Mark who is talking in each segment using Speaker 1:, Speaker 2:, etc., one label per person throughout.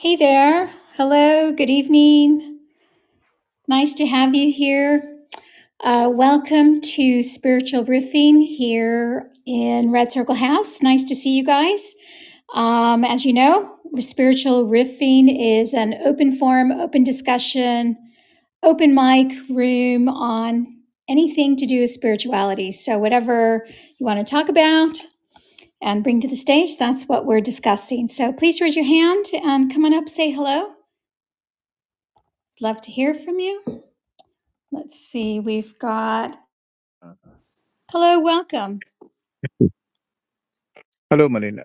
Speaker 1: Hey there. Hello. Good evening. Nice to have you here. Uh, welcome to Spiritual Riffing here in Red Circle House. Nice to see you guys. Um, as you know, Spiritual Riffing is an open forum, open discussion, open mic room on anything to do with spirituality. So, whatever you want to talk about and bring to the stage, that's what we're discussing. So, please raise your hand and come on up, say hello. Love to hear from you. Let's see, we've got. Hello, welcome.
Speaker 2: Hello, Malina.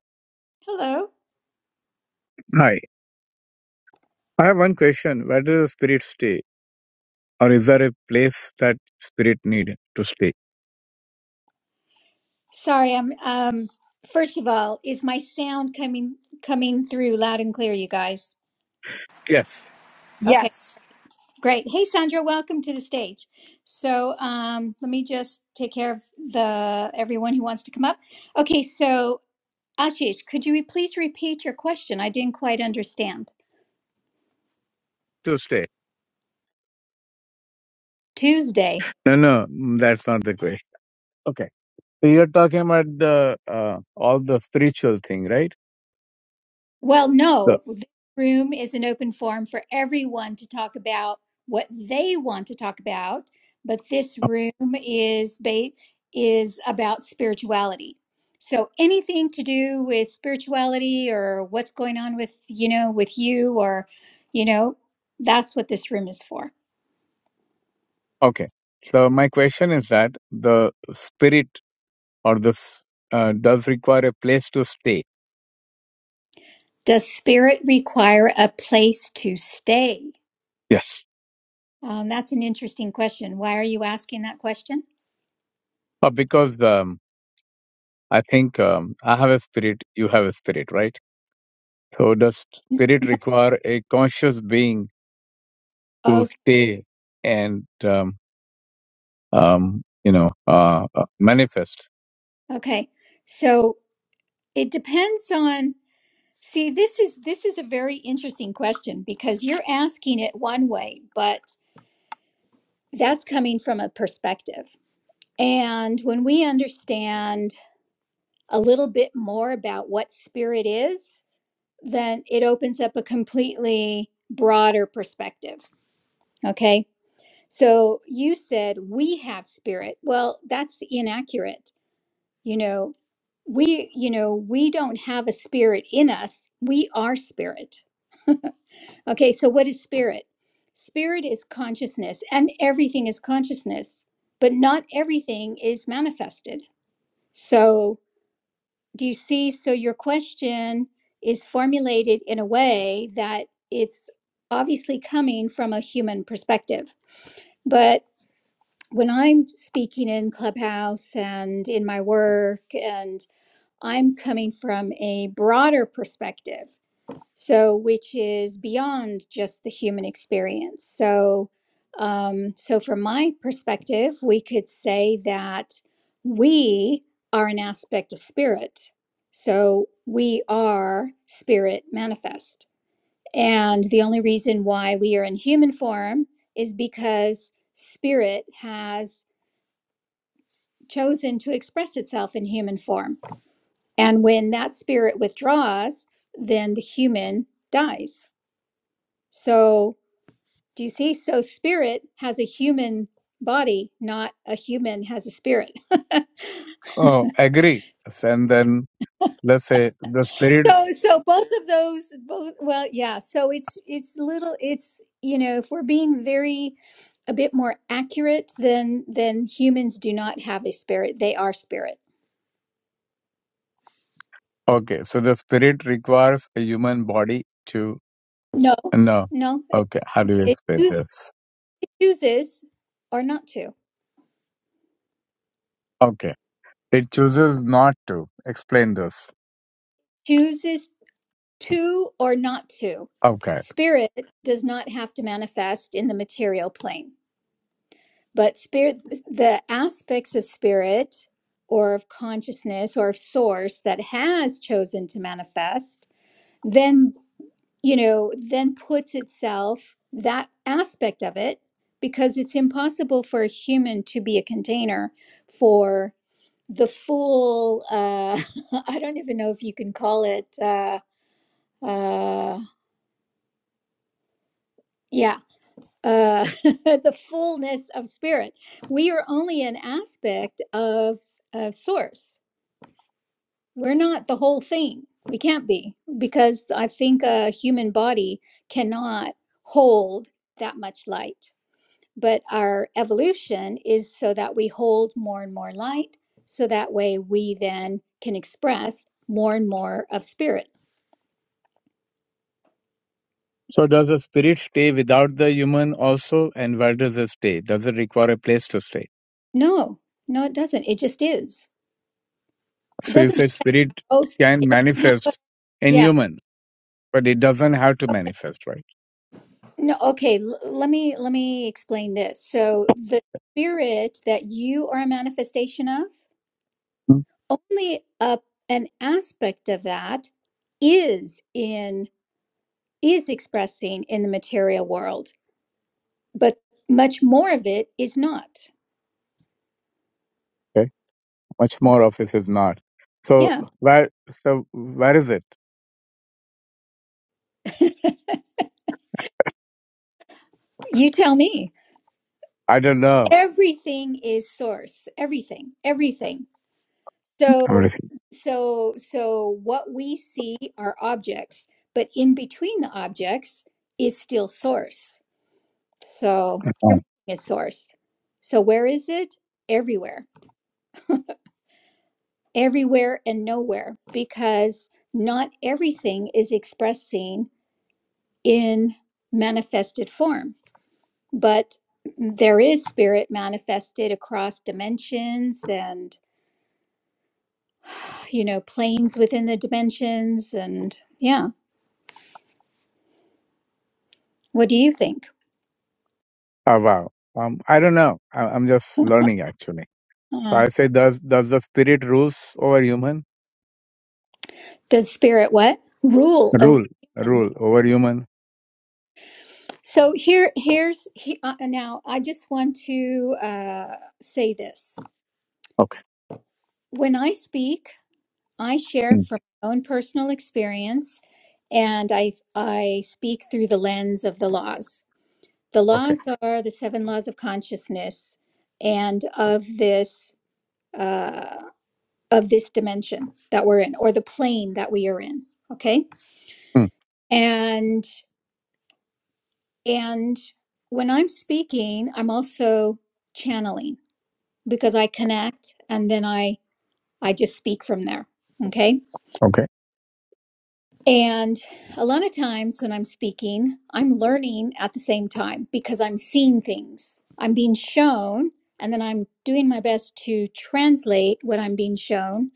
Speaker 1: Hello.
Speaker 2: Hi. I have one question. Where does the spirit stay? Or is there a place that spirit need to stay?
Speaker 1: Sorry, I'm um first of all, is my sound coming coming through loud and clear, you guys?
Speaker 2: Yes,
Speaker 1: Okay,
Speaker 3: Yes.
Speaker 1: great. Hey Sandra, welcome to the stage. So um let me just take care of the everyone who wants to come up. Okay, so Ashish, could you please repeat your question? I didn't quite understand.
Speaker 2: to stay.
Speaker 1: Tuesday.
Speaker 2: No, no, mm, that's not the question. Okay. So you're talking about the uh, all the spiritual thing, right?
Speaker 1: Well,
Speaker 2: The,
Speaker 1: no, the room is an open forum for everyone to talk about what they want to talk about, but this room is ba- is about spirituality. So anything to do with spirituality or what's going on with, you know, with you or, you know, that's what this room is for.
Speaker 2: okay. So my question is that the spirit or this uh, does require a place to stay.
Speaker 1: Does spirit require a place to stay?
Speaker 2: Yes.
Speaker 1: Um, that's an interesting question. Why are you asking that question?
Speaker 2: Uh, because um, I think um, I have a spirit, you have a spirit, right? So does spirit require a conscious being to
Speaker 1: Okay.
Speaker 2: stay and um, um, you know uh, uh, manifest?
Speaker 1: Okay. So It depends on see this is this is a very interesting question because you're asking it one way, but that's coming from a perspective. And when we understand a little bit more about what spirit is, then it opens up a completely broader perspective. Okay? So you said we have spirit. Well, that's inaccurate. You know, we you know, we don't have a spirit in us. We are spirit Okay, so what is spirit? Spirit is consciousness, and everything is consciousness, but not everything is manifested. So, do you see? So, your question is formulated in a way that it's obviously coming from a human perspective. But when I'm speaking in Clubhouse and in my work, and I'm coming from a broader perspective, so which is beyond just the human experience so um, so from my perspective we could say that we are an aspect of spirit so we are spirit manifest and the only reason why we are in human form is because spirit has chosen to express itself in human form and when that spirit withdraws then the human dies so Do you see? So spirit has a human body, not a human has a spirit.
Speaker 2: Oh, agree. And then let's say the spirit.
Speaker 1: so so both of those both well, yeah. So it's it's little it's you know, if we're being very a bit more accurate, then then humans do not have a spirit. They are spirit.
Speaker 2: Okay, so the spirit requires a human body to
Speaker 1: No,
Speaker 2: no.
Speaker 1: no. It,
Speaker 2: Okay, how do you
Speaker 1: it
Speaker 2: explain
Speaker 1: choos-
Speaker 2: this?
Speaker 1: chooses or not to.
Speaker 2: Okay, it chooses not to explain this.
Speaker 1: Chooses to or not to.
Speaker 2: Okay.
Speaker 1: Spirit does not have to manifest in the material plane. But spirit, the aspects of spirit or of consciousness or of source that has chosen to manifest, then, you know, then puts itself, that aspect of it, because it's impossible for a human to be a container for the full, uh, I don't even know if you can call it, uh, uh, yeah, uh, the fullness of spirit. We are only an aspect of, of source. We're not the whole thing. We can't be because I think a human body cannot hold that much light. But our evolution is so that we hold more and more light. So that way we then can express more and more of spirit.
Speaker 2: So does the spirit stay without the human also, and where does it stay? Does it require a place to stay?
Speaker 1: No, no, it doesn't. It just is. It doesn't.
Speaker 2: Suicide spirit can
Speaker 1: have,
Speaker 2: manifest in
Speaker 1: Oh,
Speaker 2: human, but it doesn't have to manifest, right?
Speaker 1: No, okay, l- let me let me explain this. So the spirit that you are a manifestation of,
Speaker 2: Mm.
Speaker 1: only a, an aspect of that is in is expressing in the material world, but much more of it is not.
Speaker 2: Okay. Much
Speaker 1: Okay.
Speaker 2: more of it is not. So
Speaker 1: Yeah.
Speaker 2: where so where is it?
Speaker 1: You tell me.
Speaker 2: I don't know.
Speaker 1: Everything is source. Everything. Everything.
Speaker 2: I'm really
Speaker 1: So,
Speaker 2: thinking,
Speaker 1: so, so what we see are objects, but in between the objects is still source. So
Speaker 2: oh,
Speaker 1: everything is source. So where is it? Everywhere, everywhere and nowhere, because not everything is expressing in manifested form, but there is spirit manifested across dimensions and, you know, planes within the dimensions. And yeah, what do you think?
Speaker 2: oh, wow. Um, I don't know. I, I'm just learning actually. So
Speaker 1: Uh,
Speaker 2: I say, does does the spirit rules over human?
Speaker 1: does spirit what rule over
Speaker 2: Rule,
Speaker 1: humans?
Speaker 2: rule over human.
Speaker 1: So here, here's he, uh, now. I just want to uh, say this:
Speaker 2: Okay.
Speaker 1: when I speak, I share
Speaker 2: Mm.
Speaker 1: from my own personal experience, and I I speak through the lens of the laws. The
Speaker 2: Okay.
Speaker 1: laws are the seven laws of consciousness, and of this uh, of this dimension that we're in, or the plane that we are in. Okay,
Speaker 2: Mm.
Speaker 1: and. And when I'm speaking, I'm also channeling because I connect and then I I just speak from there. Okay?
Speaker 2: Okay.
Speaker 1: And a lot of times when I'm speaking, I'm learning at the same time because I'm seeing things. I'm being shown and then I'm doing my best to translate what I'm being shown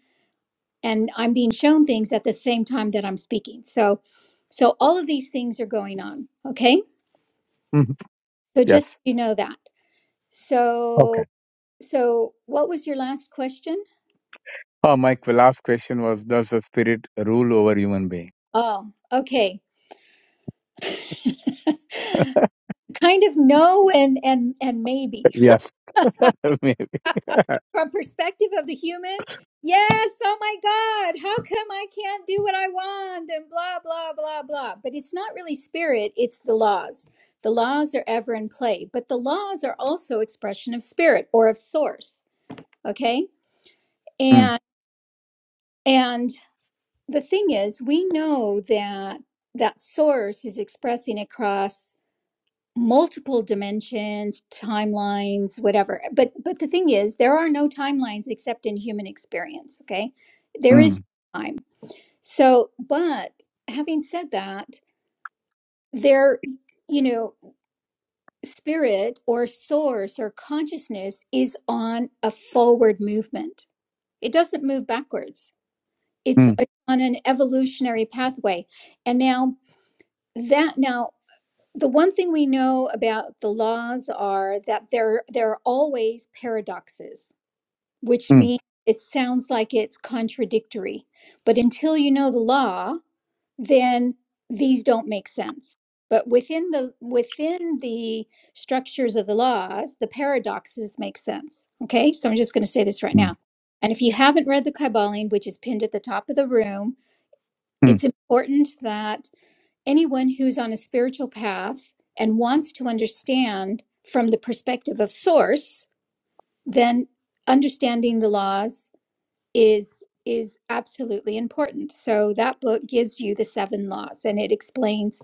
Speaker 1: and I'm being shown things at the same time that I'm speaking. So so all of these things are going on, okay?
Speaker 2: hmm
Speaker 1: So just so
Speaker 2: Yes.
Speaker 1: you know that. So
Speaker 2: Okay.
Speaker 1: So, what was your last question?
Speaker 2: Oh, Mike. The last question was, does the spirit rule over human being?
Speaker 1: Oh, okay. kind of no and and and maybe.
Speaker 2: yes. Maybe.
Speaker 1: From perspective of the human, yes, oh my god, how come I can't do what I want and blah blah blah blah. But it's not really spirit, it's the laws. The laws are ever in play, but the laws are also expression of spirit or of source, okay?
Speaker 2: Mm,
Speaker 1: And and the thing is, we know that that source is expressing across multiple dimensions timelines whatever but but the thing is there are no timelines except in human experience okay there is
Speaker 2: mm,
Speaker 1: no time so but having said that there you know spirit or source or consciousness is on a forward movement it doesn't move backwards it's
Speaker 2: mm,
Speaker 1: on an evolutionary pathway and now that now the one thing we know about the laws are that there there are always paradoxes, which
Speaker 2: mm,
Speaker 1: means it sounds like it's contradictory. But until you know the law, then these don't make sense. But within the within the structures of the laws, the paradoxes make sense. Okay, so I'm just going to say this right
Speaker 2: mm,
Speaker 1: now. And if you haven't read the Kybalion, which is pinned at the top of the room,
Speaker 2: mm,
Speaker 1: it's important that anyone who's on a spiritual path and wants to understand from the perspective of source then understanding the laws is is absolutely important so that book gives you the seven laws and it explains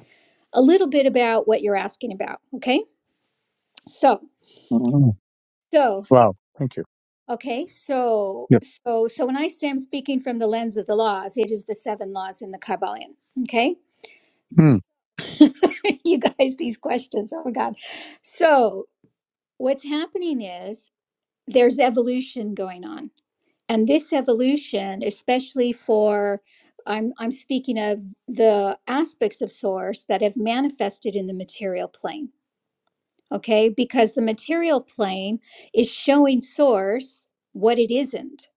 Speaker 1: a little bit about what you're asking about okay so
Speaker 2: mm.
Speaker 1: so
Speaker 2: Wow. Thank you.
Speaker 1: okay so
Speaker 2: Yep.
Speaker 1: so so when i say i'm speaking from the lens of the laws it is the seven laws in the kabbalion okay
Speaker 2: Mm,
Speaker 1: you guys these questions oh my god so what's happening is there's evolution going on and this evolution especially for i'm i'm speaking of the aspects of source that have manifested in the material plane okay because the material plane is showing source what it isn't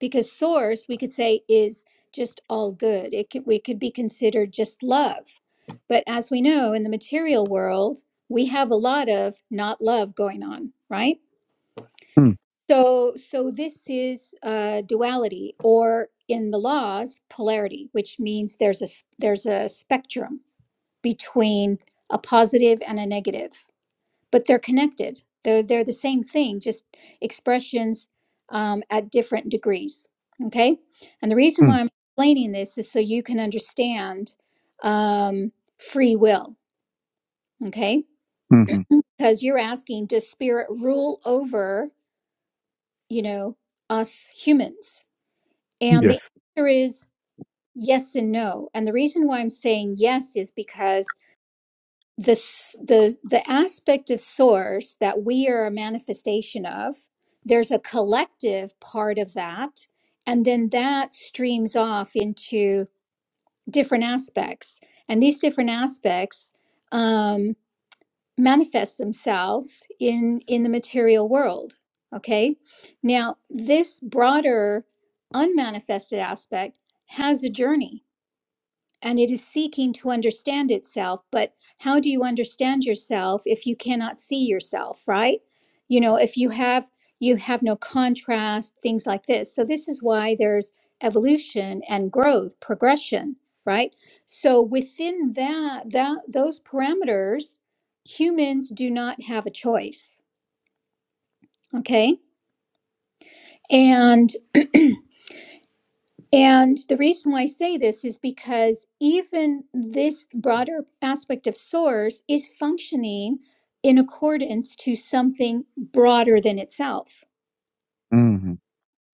Speaker 1: because source we could say is just all good it could, we could be considered just love but as we know in the material world we have a lot of not love going on right
Speaker 2: mm,
Speaker 1: So, so this is uh, duality, or in the laws, polarity, which means there's a s- there's a spectrum between a positive and a negative, but they're connected. They're they're the same thing, just expressions um, at different degrees. Okay, and the reason why
Speaker 2: mm,
Speaker 1: I'm explaining this is so you can understand um, free will. Okay,
Speaker 2: mm,
Speaker 1: because you're asking, does spirit rule over you know us humans? And the
Speaker 2: yes.
Speaker 1: answer is yes and no. And the reason why I'm saying yes is because the s- the the aspect of source that we are a manifestation of, there's a collective part of that, and then that streams off into different aspects. And these different aspects um, manifest themselves in in the material world okay now this broader unmanifested aspect has a journey and it is seeking to understand itself. But how do you understand yourself if you cannot see yourself, right? You know, if you have you have no contrast, things like this. So this is why there's evolution and growth, progression, right? So within that that those parameters, humans do not have a choice. Okay. and. And the reason why I say this is because even this broader aspect of source is functioning in accordance to something broader than itself,
Speaker 2: Mm.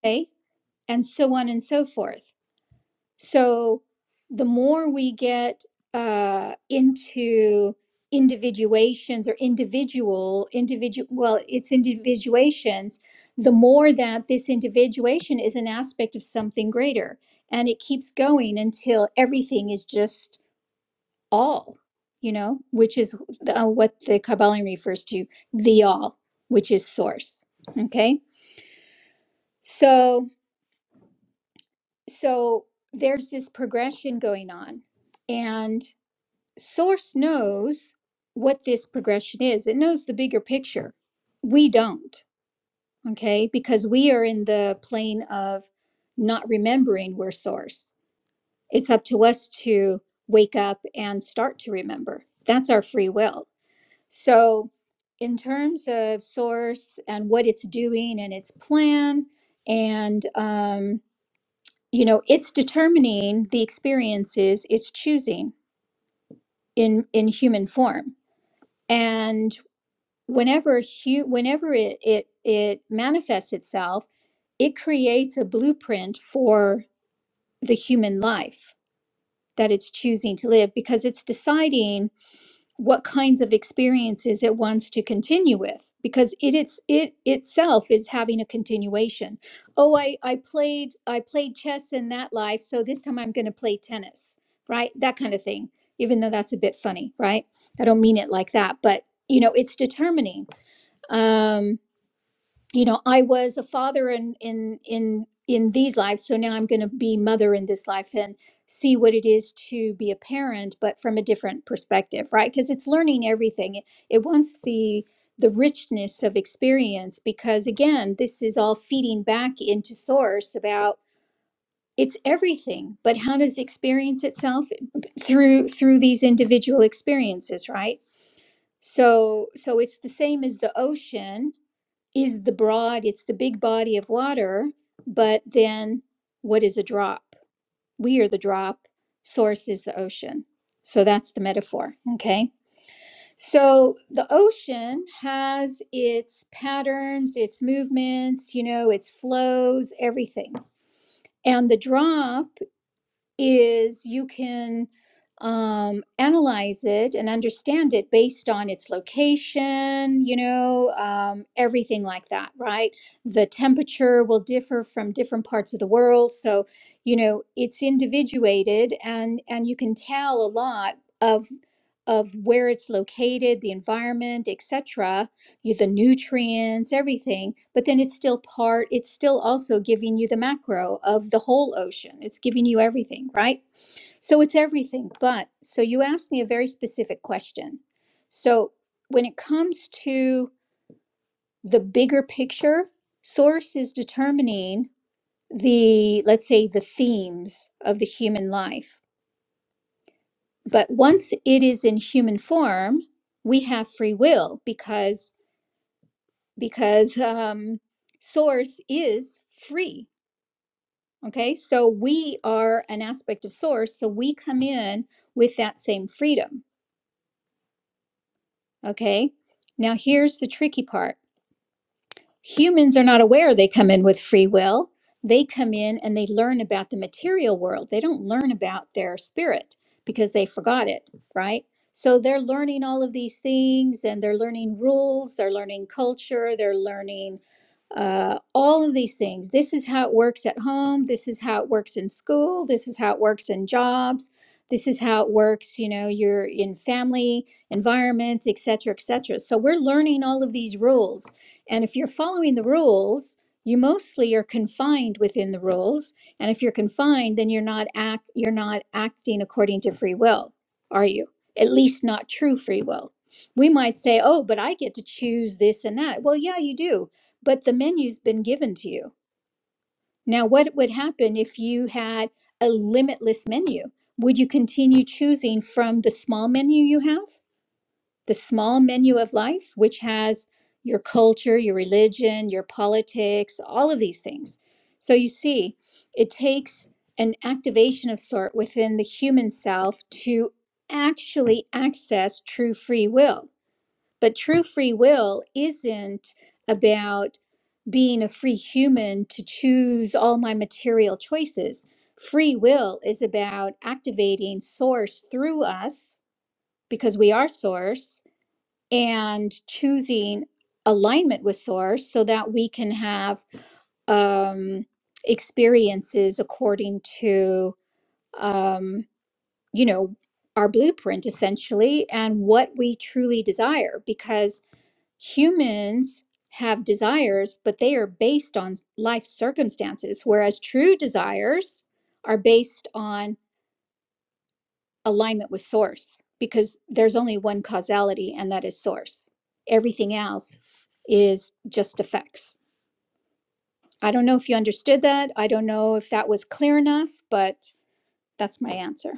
Speaker 1: okay? And so on and so forth. So the more we get uh, into individuations or individual individual well it's individuations the more that this individuation is an aspect of something greater and it keeps going until everything is just all you know which is uh, what the kabbalah refers to the all which is source okay so so there's this progression going on and Source knows what this progression is, it knows the bigger picture. We don't, okay? Because we are in the plane of not remembering we're Source. It's up to us to wake up and start to remember. That's our free will. So, in terms of Source and what it's doing and its plan, and, um, you know, it's determining the experiences it's choosing in, in human form. And whenever hu- whenever it, it it manifests itself it creates a blueprint for the human life that it's choosing to live because it's deciding what kinds of experiences it wants to continue with because it it's it itself is having a continuation oh i i played i played chess in that life so this time i'm going to play tennis right that kind of thing even though that's a bit funny right i don't mean it like that but you know it's determining Um you know i was a father in in in in these lives so now i'm going to be mother in this life and see what it is to be a parent but from a different perspective right because it's learning everything it, it wants the the richness of experience because again this is all feeding back into source about it's everything but how does experience itself through through these individual experiences right so so it's the same as the ocean is the broad, it's the big body of water, but then what is a drop? We are the drop, source is the ocean. So that's the metaphor. Okay. So the ocean has its patterns, its movements, you know, its flows, everything. And the drop is you can um, analyze it and understand it based on its location, you know, um, everything like that, right? The temperature will differ from different parts of the world, so you know it's individuated, and and you can tell a lot of of where it's located, the environment, etc you the nutrients, everything, but then it's still part, it's still also giving you the macro of the whole ocean. It's giving you everything, right? So it's everything. But so you asked me a very specific question. So when it comes to the bigger picture, source is determining the, let's say, the themes of the human life. But once it is in human form, we have free will because because um, source is free. Okay, so we are an aspect of source, so we come in with that same freedom. Okay, now here's the tricky part Humans are not aware they come in with free will. They come in and they learn about the material world. They don't learn about their spirit because they forgot it, right? So they're learning all of these things and they're learning rules, they're learning culture, they're learning uh, all of these things. This is how it works at home. This is how it works in school. This is how it works in jobs. This is how it works, you know, you're in family environments, et cetera, et cetera. So we're learning all of these rules and if you're following the rules, you mostly are confined within the rules. And if you're confined, then you're not act you're not acting according to free will, are you? At least not true free will. We might say, "Oh, but I get to choose this and that." Well, yeah, you do, but the menu's been given to you. Now, what would happen if you had a limitless menu? Would you continue choosing from the small menu you have? the small menu of life, which has your culture, your religion, your politics, all of these things. So you see, it takes an activation of sort within the human self to actually access true free will. But true free will isn't about being a free human to choose all my material choices. Free will is about activating source through us because we are source and choosing alignment with source so that we can have um, experiences according to um, you know our blueprint essentially and what we truly desire because humans have desires but they are based on life circumstances whereas true desires are based on alignment with source because there's only one causality and that is source everything else is just effects i don't know if you understood that i don't know if that was clear enough but that's my answer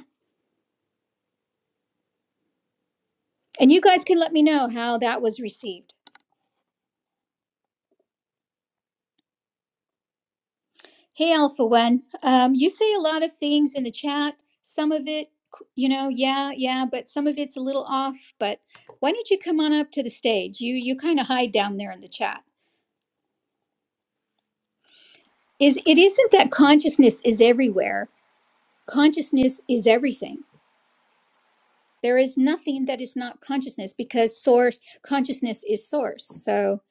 Speaker 1: and you guys can let me know how that was received hey alpha one um, you say a lot of things in the chat some of it c- you know yeah yeah but some of it's a little off but why don't you come on up to the stage you you kind of hide down there in the chat is it isn't that consciousness is everywhere Consciousness is everything. There is nothing that is not consciousness because source consciousness is source. So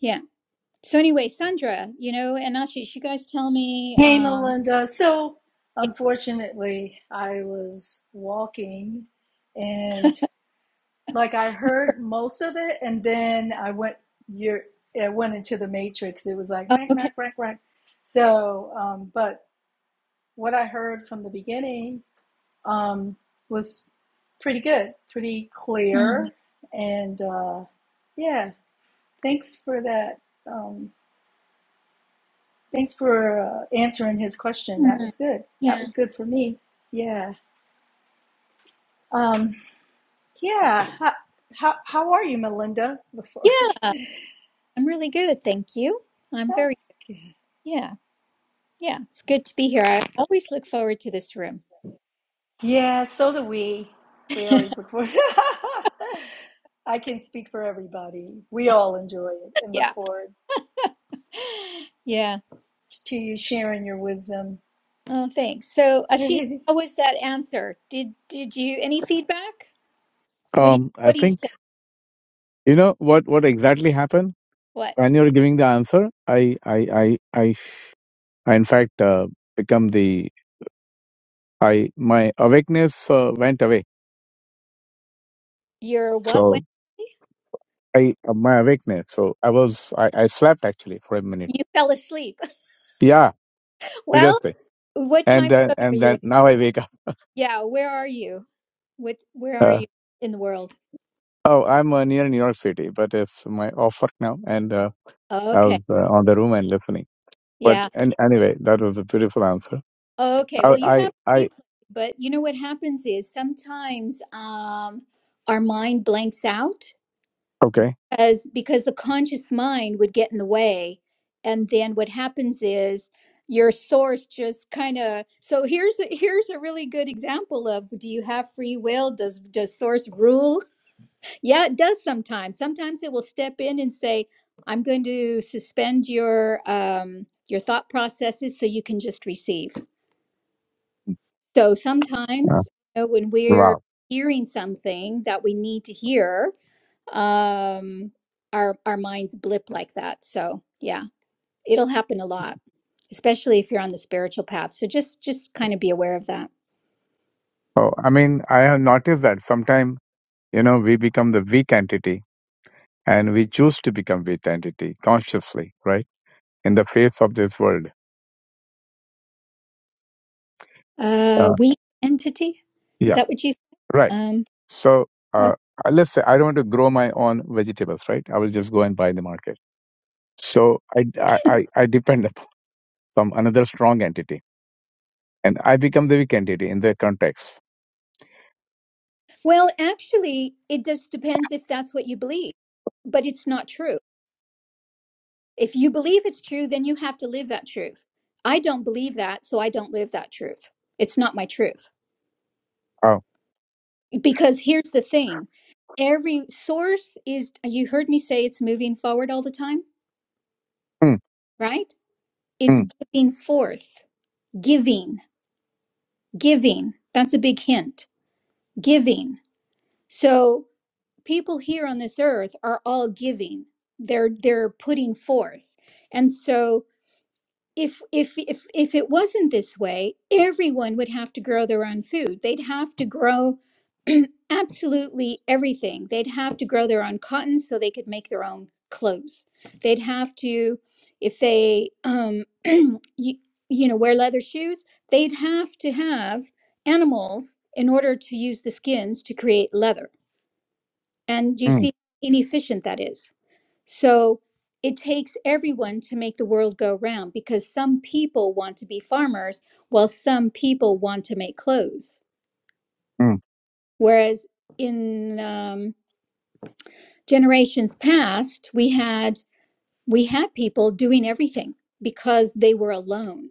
Speaker 1: yeah. So anyway, Sandra, you know, and Ashish, you guys tell me.
Speaker 3: Hey,
Speaker 1: Um,
Speaker 3: Melinda. So,
Speaker 1: yeah.
Speaker 3: unfortunately, I was walking and like I heard most of it, and then I went your it went into the matrix. It was like
Speaker 1: oh,
Speaker 3: rank,
Speaker 1: okay.
Speaker 3: rank, rank, rank. So, um, but what I heard from the beginning um, was pretty good, pretty
Speaker 1: Mm,
Speaker 3: clear, and uh, yeah, thanks for that. Um, Thanks for uh, answering his question. That
Speaker 1: mm,
Speaker 3: was good. That
Speaker 1: yeah.
Speaker 3: was good for me. Yeah. Um, yeah. How, how, how are you, Melinda? Before I get-
Speaker 1: Yeah. I'm really good. Thank you. I'm very.
Speaker 3: that's good.
Speaker 1: Yeah. Yeah. It's good to be here. I always look forward to this room.
Speaker 3: Yeah. So do we. We always look forward. I can speak for everybody. We all enjoy it and look
Speaker 1: Yeah.
Speaker 3: forward
Speaker 1: Yeah.
Speaker 3: to you sharing your wisdom.
Speaker 1: Oh, thanks. So, Ashish,
Speaker 3: this
Speaker 1: how was that answer? Did did you any feedback? What do you
Speaker 2: Um, I
Speaker 1: what do you
Speaker 2: think
Speaker 1: say?
Speaker 2: you know what what exactly happened when you're giving the answer. I I I I, I in fact uh, become the I my awakeness uh, went away.
Speaker 1: You're what
Speaker 2: So
Speaker 1: when
Speaker 2: I uh, my awakeness. So I was I, I slept actually for a minute.
Speaker 1: you fell asleep.
Speaker 2: Yeah,
Speaker 1: Well,
Speaker 2: seriously.
Speaker 1: what
Speaker 2: And
Speaker 1: time
Speaker 2: then
Speaker 1: zone are
Speaker 2: and
Speaker 1: you
Speaker 2: then
Speaker 1: in?
Speaker 2: now I wake
Speaker 1: Yeah, where are you? What where
Speaker 2: up.
Speaker 1: are you in the world?
Speaker 2: Oh, I'm uh, near New York City, but it's my off work now, and uh, I
Speaker 1: Okay.
Speaker 2: was uh, on the room and listening. But
Speaker 1: Yeah.
Speaker 2: and anyway, that was a beautiful answer.
Speaker 1: Okay.
Speaker 2: I,
Speaker 1: Well, you
Speaker 2: I,
Speaker 1: have
Speaker 2: I
Speaker 1: replay, but you know what happens is sometimes um our mind blanks out
Speaker 2: okay.
Speaker 1: because because the conscious mind would get in the way and then what happens is your source just kind of so here's a here's a really good example of do you have free will does does source rule Yeah, it does sometimes. Sometimes it will step in and say, "I'm going to suspend your um, your thought processes so you can just receive." So
Speaker 2: Yeah.
Speaker 1: sometimes you know, when we're
Speaker 2: Wow.
Speaker 1: hearing something that we need to hear, um, our our minds blip like that. So yeah, it'll happen a lot, especially if you're on the spiritual path. So just just kind of be aware of that.
Speaker 2: Oh, I mean, I have noticed that sometimes you know we become the weak entity, and we choose to become weak entity consciously, right? In the face of this world.
Speaker 1: Uh,
Speaker 2: Uh,
Speaker 1: we entity, is
Speaker 2: yeah.
Speaker 1: that what you?
Speaker 2: Right.
Speaker 1: Um,
Speaker 2: So uh, let's say I don't want to grow my own vegetables, right? I will just go and buy in the market. So I, I, I I depend upon some another strong entity, and I become the weak entity in the context.
Speaker 1: Well, actually, it just depends if that's what you believe, but it's not true. If you believe it's true, then you have to live that truth. I don't believe that, so I don't live that truth. It's not my truth.
Speaker 2: Oh,
Speaker 1: Because here's the thing every source is, you heard me say it's moving forward all the time,
Speaker 2: mm,
Speaker 1: right? It's
Speaker 2: mm,
Speaker 1: giving forth, giving, giving. That's a big hint, giving. So people here on this earth are all giving they're they're putting forth and so if if if if it wasn't this way everyone would have to grow their own food they'd have to grow absolutely everything they'd have to grow their own cotton so they could make their own clothes they'd have to if they um you, you know wear leather shoes they'd have to have animals in order to use the skins to create leather and you see
Speaker 2: mm,
Speaker 1: how inefficient that is. So it takes everyone to make the world go round because some people want to be farmers while some people want to make clothes.
Speaker 2: mm,
Speaker 1: Whereas in um, generations past, we had we had people doing everything because they were alone,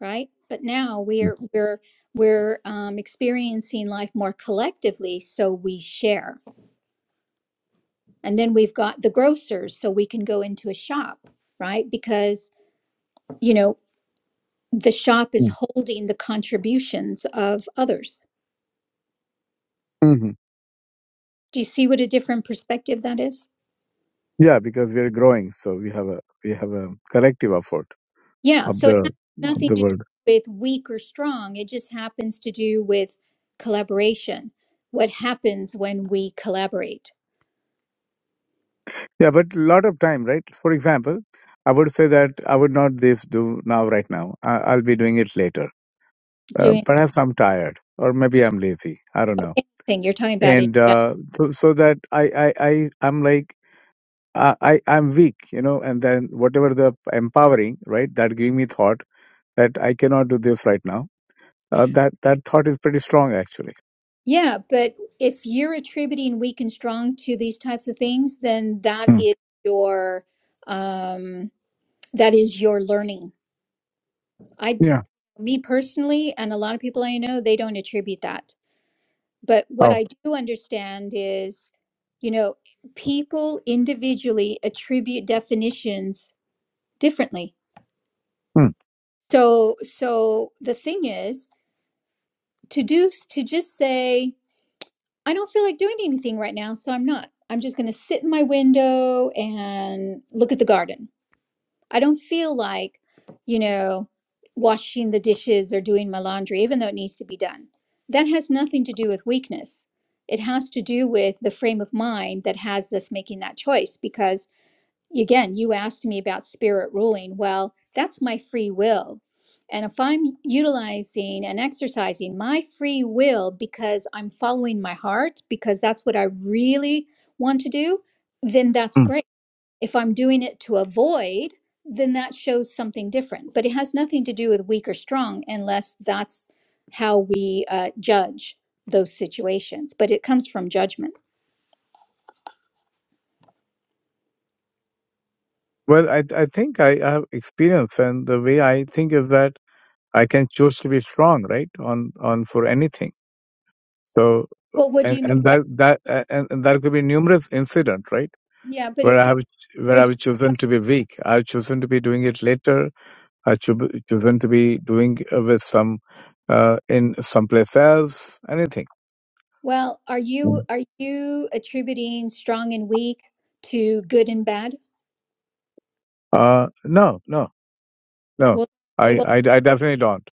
Speaker 1: right? But now
Speaker 2: mm,
Speaker 1: we're we're we're um, experiencing life more collectively, so we share. And then we've got the grocers, so we can go into a shop, right? Because, you know, the shop is
Speaker 2: mm,
Speaker 1: holding the contributions of others.
Speaker 2: mhm.
Speaker 1: Do you see what a different perspective that is?
Speaker 2: yeah, because we are growing, so we have a we have a collective effort
Speaker 1: Yeah.
Speaker 2: of
Speaker 1: So it
Speaker 2: the
Speaker 1: has
Speaker 2: of
Speaker 1: nothing
Speaker 2: the
Speaker 1: to do
Speaker 2: world.
Speaker 1: with weak or strong. It just happens to do with collaboration. What happens when we collaborate?
Speaker 2: Yeah, but a lot of time, right? For example, I would say that I would not this do now right now. I, I'll be doing it later. uh,
Speaker 1: Doing
Speaker 2: perhaps I'm tired or maybe I'm lazy. I don't know.
Speaker 1: thing you're talking about in
Speaker 2: And
Speaker 1: general.
Speaker 2: uh, so, so that I, I, I, I'm like, I, I, I'm weak, you know, and then whatever the empowering, right, that gave me thought that I cannot do this right now. Uh, that, that thought is pretty strong, actually.
Speaker 1: Yeah, but if you're attributing weak and strong to these types of things, then that
Speaker 2: Hmm.
Speaker 1: is your um that is your learning. I,
Speaker 2: Yeah.
Speaker 1: me personally, and a lot of people I know, they don't attribute that. But what
Speaker 2: Oh.
Speaker 1: I do understand is, you know, people individually attribute definitions differently.
Speaker 2: Hmm.
Speaker 1: So, so the thing is to do, to just say, I don't feel like doing anything right now, so I'm not. I'm just going to sit in my window and look at the garden I don't feel like, you know, washing the dishes or doing my laundry, even though it needs to be done. That has nothing to do with weakness. It has to do with the frame of mind that has us making that choice. Because again, you asked me about spirit ruling. Well, that's my free will. And if I'm utilizing and exercising my free will because I'm following my heart, because that's what I really want to do, then that's
Speaker 2: Hmm.
Speaker 1: great if I'm doing it to avoid, then that shows something different. But it has nothing to do with weak or strong unless that's how we uh, judge those situations. But it comes from judgment.
Speaker 2: Well, I, I think I, I have experience and the way I think is that I can choose to be strong, right, on, on for anything. So,
Speaker 1: Well, what do
Speaker 2: and,
Speaker 1: you mean
Speaker 2: and
Speaker 1: by
Speaker 2: that, that, uh, and, and that could be numerous incident, right?
Speaker 1: yeah? But
Speaker 2: where I
Speaker 1: it,
Speaker 2: have where
Speaker 1: what do
Speaker 2: I've
Speaker 1: you,
Speaker 2: chosen
Speaker 1: but,
Speaker 2: to be weak. I've chosen to be doing it later. I've cho- chosen to be doing uh, with some uh, in someplace else. Anything?
Speaker 1: well, are you
Speaker 2: Mm.
Speaker 1: are you attributing strong and weak to good and bad?
Speaker 2: Uh, no, no, no.
Speaker 1: Well,
Speaker 2: I,
Speaker 1: well,
Speaker 2: I, I definitely don't.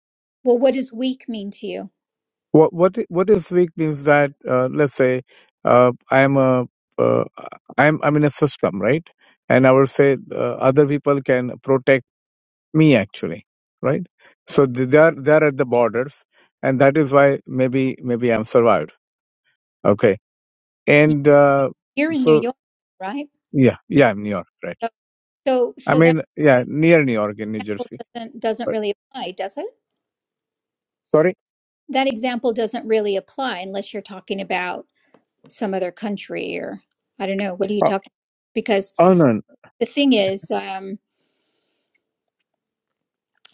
Speaker 1: well, what does weak mean to you?
Speaker 2: What what i- what is weak means that uh, let's say uh, I'm a uh, I'm I'm in a system, right? And I would say uh, other people can protect me actually, right? So they they are they are at the borders, and that is why maybe maybe I'm survived Okay.
Speaker 1: You-
Speaker 2: And uh,
Speaker 1: You're in New
Speaker 2: so,
Speaker 1: York, right?
Speaker 2: yeah, yeah, New York, right.
Speaker 1: So, so
Speaker 2: I
Speaker 1: so that
Speaker 2: mean, yeah, near New York in New
Speaker 1: example
Speaker 2: Jersey.
Speaker 1: doesn't doesn't
Speaker 2: But
Speaker 1: really apply, does it?
Speaker 2: sorry?
Speaker 1: that example doesn't really apply unless you're talking about some other country or I don't know. What are you
Speaker 2: Oh,
Speaker 1: talking? Because
Speaker 2: oh no. no.
Speaker 1: the thing is, um,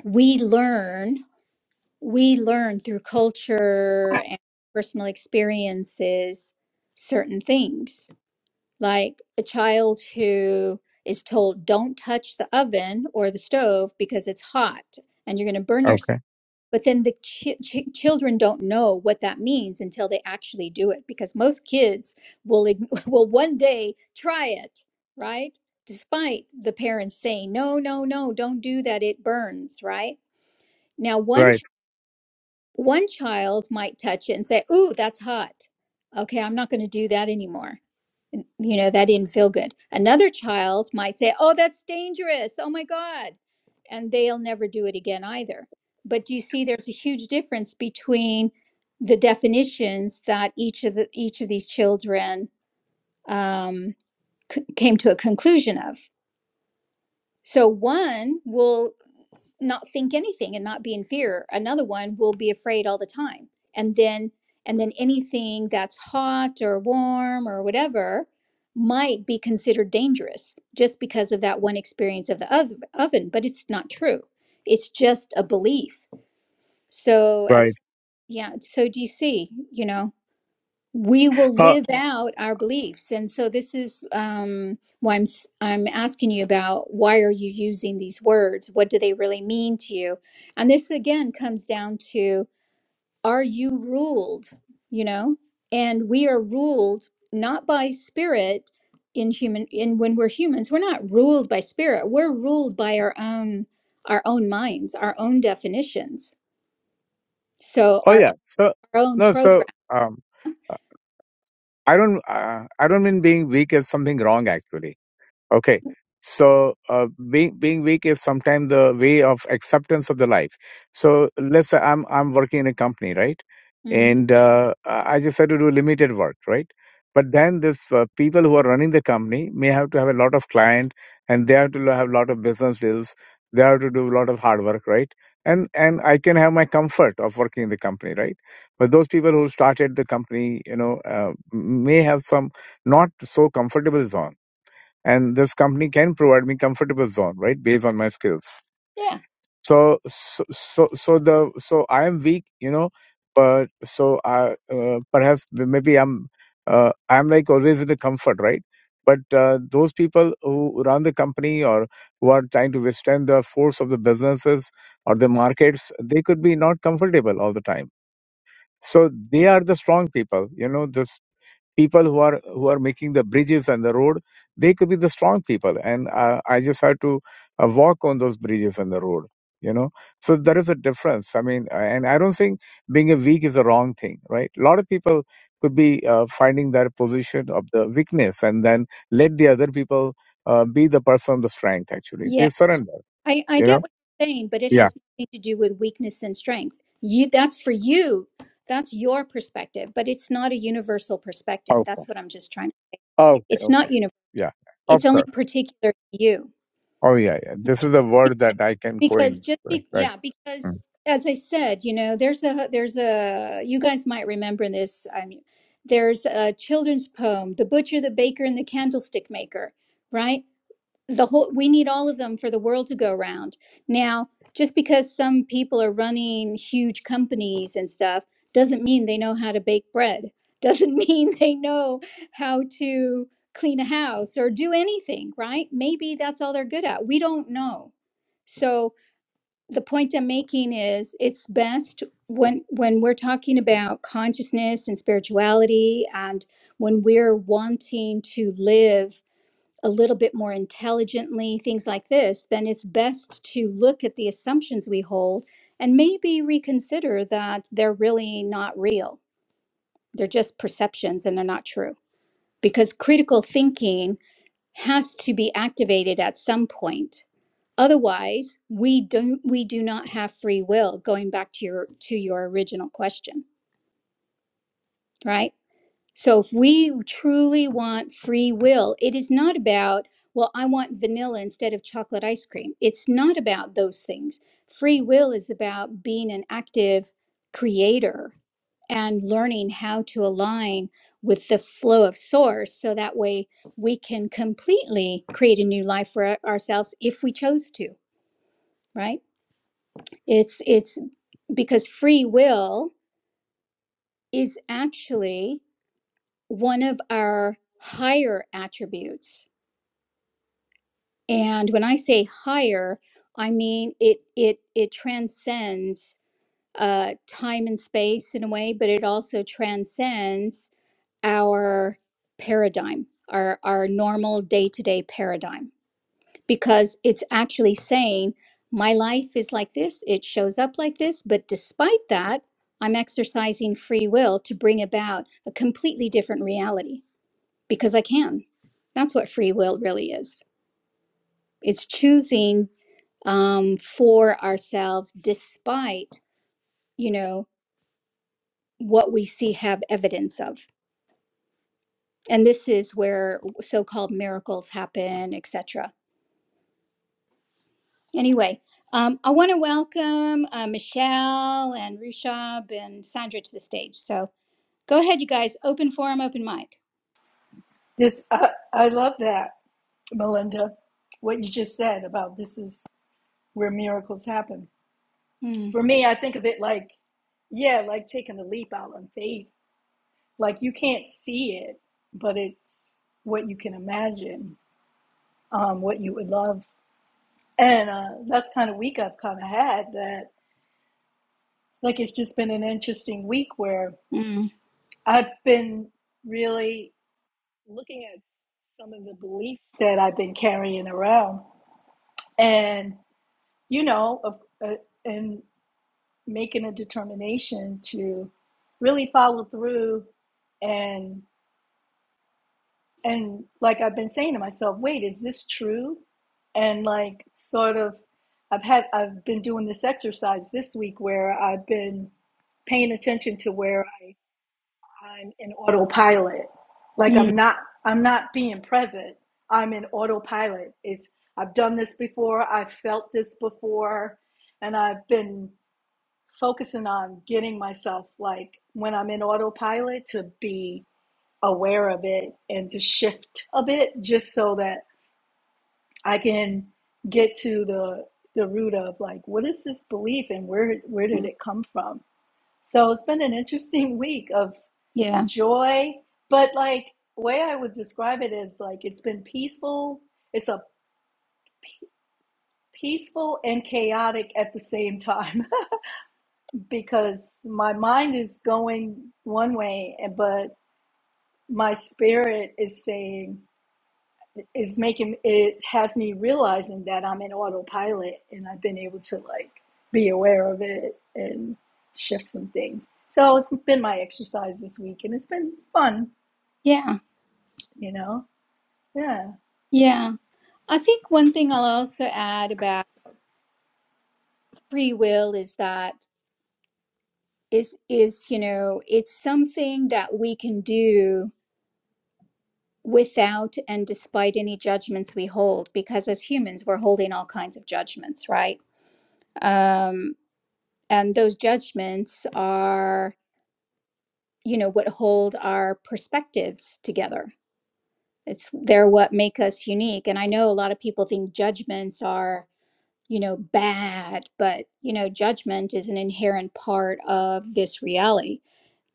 Speaker 1: we learn we learn through culture and personal experiences certain things. Like a child who is told, "Don't touch the oven or the stove because it's hot and you're going to burn yourself."
Speaker 2: Okay.
Speaker 1: but then the chi- chi- children don't know what that means until they actually do it because most kids will ign- will one day try it right despite the parents saying no no no don't do that it burns right now one
Speaker 2: Right,
Speaker 1: ch- one child might touch it and say ooh that's hot okay i'm not going to do that anymore you know that didn't feel good another child might say oh that's dangerous oh my god and they'll never do it again either but do you see there's a huge difference between the definitions that each of the each of these children um, c- came to a conclusion of so one will not think anything and not be in fear. Another one will be afraid all the time. And then and then anything that's hot or warm or whatever might be considered dangerous just because of that one experience of the ov- oven, but it's not true. It's just a belief. So at
Speaker 2: right.
Speaker 1: s- yeah, so do you see, you know? we will
Speaker 2: Uh,
Speaker 1: live out our beliefs and so this is um why i'm s- i'm asking you about why are you using these words what do they really mean to you and this again comes down to are you ruled you know and we are ruled not by spirit in human in when we're humans we're not ruled by spirit we're ruled by our own our own minds our own definitions so
Speaker 2: oh,
Speaker 1: our,
Speaker 2: yeah. So,
Speaker 1: our own
Speaker 2: no, so um, I don't, uh, I don't mean being weak as something wrong, actually. Okay. So uh, being being weak is sometimes the way of acceptance of the life. So let's say I'm I'm working in a company, right?
Speaker 1: Mm.
Speaker 2: And uh, I I just had to do limited work, right? But then this uh, people who are running the company may have to have a lot of client, and they have to have a lot of business deals. They have to do a lot of hard work, right? And and I can have my comfort of working in the company, right? But those people who started the company, you know, uh, may have some not so comfortable zone and this company can provide me comfortable zone right based on my skills
Speaker 1: Yeah,
Speaker 2: so so so, so the so i am weak you know but so i uh, perhaps maybe i'm uh, i'm like always with the comfort right but uh, those people who run the company or who are trying to withstand the force of the businesses or the markets they could be not comfortable all the time so they are the strong people you know the people who are who are making the bridges and the road they could be the strong people and uh, i just had to uh, walk on those bridges and the road you know so there is a difference i mean uh, and i don't think being a weak is a wrong thing right a lot of people could be uh, finding their position of the weakness and then let the other people uh, be the person of the strength actually
Speaker 1: yeah.
Speaker 2: they surrender
Speaker 1: I, I
Speaker 2: you
Speaker 1: get
Speaker 2: know
Speaker 1: what you're saying, but it
Speaker 2: yeah
Speaker 1: has nothing to do with weakness and strength. You that's for you. That's your perspective, but it's not a universal perspective.
Speaker 2: okay
Speaker 1: That's what I'm just trying.
Speaker 2: okay
Speaker 1: It's not
Speaker 2: okay
Speaker 1: universal.
Speaker 2: yeah of
Speaker 1: It's only
Speaker 2: course
Speaker 1: particular to you.
Speaker 2: oh yeah yeah this is the word that i can
Speaker 1: because
Speaker 2: coin
Speaker 1: just
Speaker 2: right
Speaker 1: be, yeah
Speaker 2: right
Speaker 1: because as i said you know there's a there's a you guys might remember this i mean there's a children's poem the butcher the baker and the candlestick maker right the whole we need all of them for the world to go round now just because some people are running huge companies and stuff doesn't mean they know how to bake bread doesn't mean they know how to clean a house or do anything right maybe that's all they're good at we don't know so the point I'm making is it's best when when we're talking about consciousness and spirituality and when we're wanting to live a little bit more intelligently things like this then it's best to look at the assumptions we hold and maybe reconsider that they're really not real they're just perceptions and they're not true because critical thinking has to be activated at some point Otherwise, we don't we do not have free will, going back to your to your original question, right? So if we truly want free will, it is not about, well, I want vanilla instead of chocolate ice cream. It's not about those things. Free will is about being an active creator and learning how to align with the flow of source so that way we can completely create a new life for our- ourselves if we chose to right It's it's because free will is actually one of our higher attributes. And when I say higher, I mean it it it transcends uh, time and space in a way, but it also transcends our paradigm, our our normal day-to-day paradigm. because it's actually saying my life is like this, it shows up like this, but despite that, I'm exercising free will to bring about a completely different reality because I can. That's what free will really is. It's choosing um, for ourselves despite, you know, what we see have evidence of. And this is where so-called miracles happen, etc anyway, um, I want to welcome uh, Michelle and Rushab and Sandra to the stage. So go ahead, you guys. Open forum, open mic.
Speaker 3: I, I love that, Melinda. What you just said about this is where miracles happen.
Speaker 1: Mm,
Speaker 3: For me, I think of it like Yeah, like taking a leap out on faith. Like you can't see it, but it's what you can imagine, um, what you would love. And uh, that's kind of week I've kind of had that. Like it's just been an interesting week where
Speaker 1: mm,
Speaker 3: I've been really looking at some of the beliefs that I've been carrying around, and you know, of, uh, and making a determination to really follow through and. and like I've been saying to myself, wait, is this true? And like sort of I've had I've been doing this exercise this week where I've been paying attention to where I, I'm in autopilot. Like
Speaker 1: mm,
Speaker 3: I'm not I'm not being present. I'm in autopilot. It's I've done this before, I've felt this before, and I've been focusing on getting myself like when I'm in autopilot to be aware of it and to shift a bit just so that I can get to the the root of like what is this belief and where where did
Speaker 1: mm.
Speaker 3: it come from? So it's been an interesting week of
Speaker 1: Yeah,
Speaker 3: joy, but like way I would describe it is like it's been peaceful. It's a peaceful and chaotic at the same time because my mind is going one way and but my spirit is saying is making is has me realizing that I'm in autopilot and I've been able to like be aware of it and shift some things. So it's been my exercise this week and it's been fun,
Speaker 1: yeah,
Speaker 3: you know. Yeah.
Speaker 1: yeah. I think one thing I'll also add about free will is that is is you know it's something that we can do without and despite any judgments we hold because as humans we're holding all kinds of judgments right Um, and those judgments are you know what hold our perspectives together it's they're what make us unique and i know a lot of people think judgments are you know bad but you know judgment is an inherent part of this reality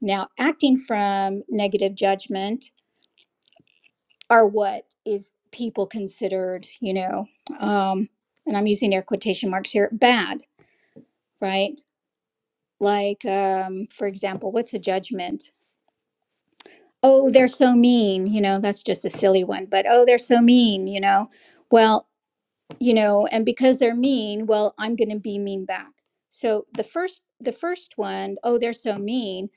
Speaker 1: now acting from negative judgment are what is people considered you know um and i'm using air quotation marks here bad right like um for example what's a judgment oh, they're so mean, you know, that's just a silly one, but oh, they're so mean, you know, well, you know, and because they're mean, well, I'm going to be mean back. So the first, the first one, oh, they're so mean,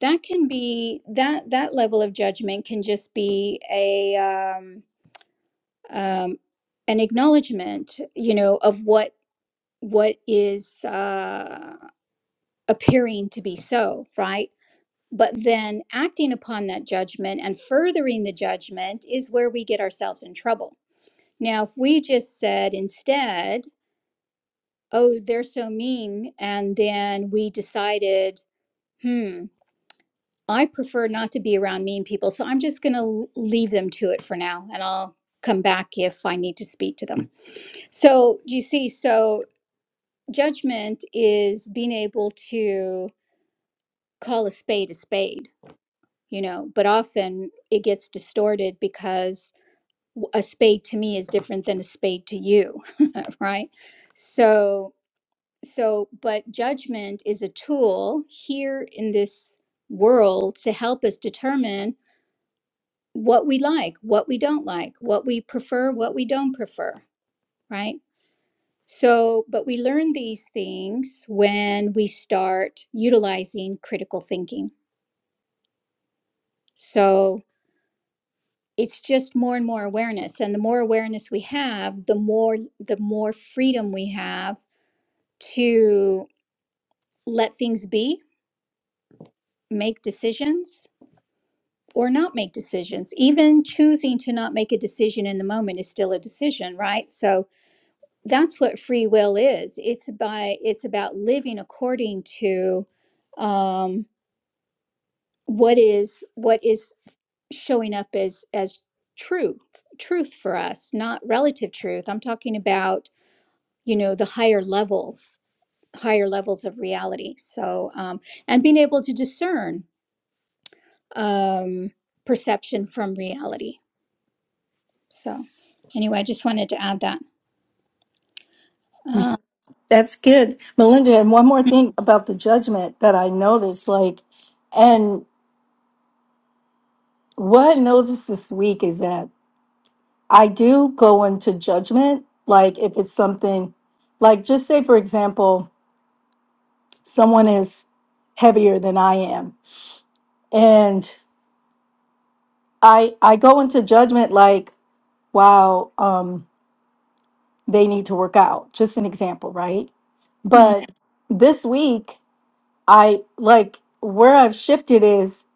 Speaker 1: that can be that that level of judgment can just be a um, um, an acknowledgement, you know, of what what is uh, appearing to be so, right? But then acting upon that judgment and furthering the judgment is where we get ourselves in trouble. Now, if we just said instead, oh, they're so mean, and then we decided, hmm, I prefer not to be around mean people, so I'm just going to leave them to it for now, and I'll come back if I need to speak to them. So, do you see? So, judgment is being able to call a spade a spade, you know, but often it gets distorted because w- a spade to me is different than a spade to you right so so but judgment is a tool here in this world to help us determine what we like what we don't like what we prefer what we don't prefer right so but we learn these things when we start utilizing critical thinking so it's just more and more awareness and the more awareness we have the more the more freedom we have to let things be, make decisions, or not make decisions. Even choosing to not make a decision in the moment is still a decision, right? So that's what free will is. It's by it's about living according to um, what is what is showing up as as truth truth for us, not relative truth. I'm talking about you know the higher level higher levels of reality. So um, and being able to discern um, perception from reality. So, anyway, I just wanted to add that. Uh,
Speaker 3: That's good. Melinda, and one more thing about the judgment that I noticed, like, and what I noticed this week is that I do go into judgment, like if it's something like just say for example, someone is heavier than I am. and i i go into judgment like wow um they need to work out just an example right
Speaker 1: mm,
Speaker 3: but this week i like where i've shifted is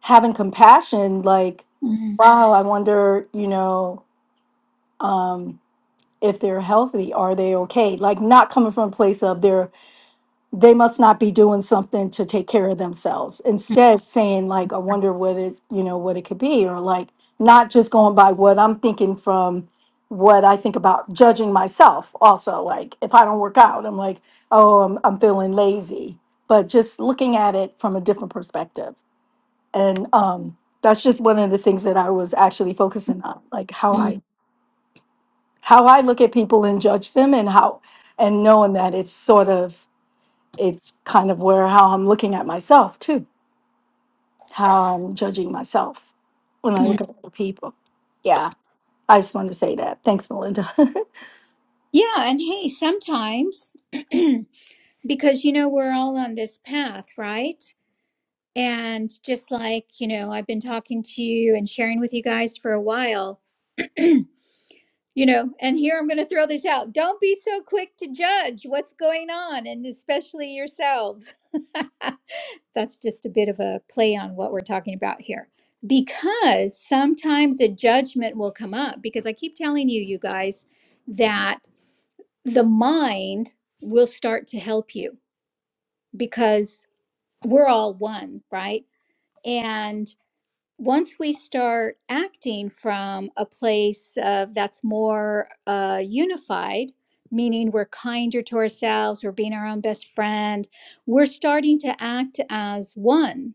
Speaker 3: having compassion like
Speaker 1: mm,
Speaker 3: wow i wonder you know um if they're healthy are they okay like not coming from a place of they're they must not be doing something to take care of themselves. Instead, saying like, "I wonder what is you know what it could be," or like not just going by what I'm thinking from what I think about judging myself. Also, like if I don't work out, I'm like, "Oh, I'm I'm feeling lazy," but just looking at it from a different perspective, and um, that's just one of the things that I was actually focusing on, like how
Speaker 1: mm,
Speaker 3: I how I look at people and judge them, and how and knowing that it's sort of it's kind of where how I'm looking at myself too, how I'm judging myself when I
Speaker 1: mm.
Speaker 3: look at other people. Yeah, I just wanted to say that. Thanks, Melinda.
Speaker 1: Yeah, and hey, sometimes because you know we're all on this path, right? And just like you know, I've been talking to you and sharing with you guys for a while. You know, and here I'm going to throw this out. Don't be so quick to judge what's going on, and especially yourselves. That's just a bit of a play on what we're talking about here. Because sometimes a judgment will come up, because I keep telling you, you guys, that the mind will start to help you because we're all one, right? And once we start acting from a place of that's more uh, unified, meaning we're kinder to ourselves, we're being our own best friend, we're starting to act as one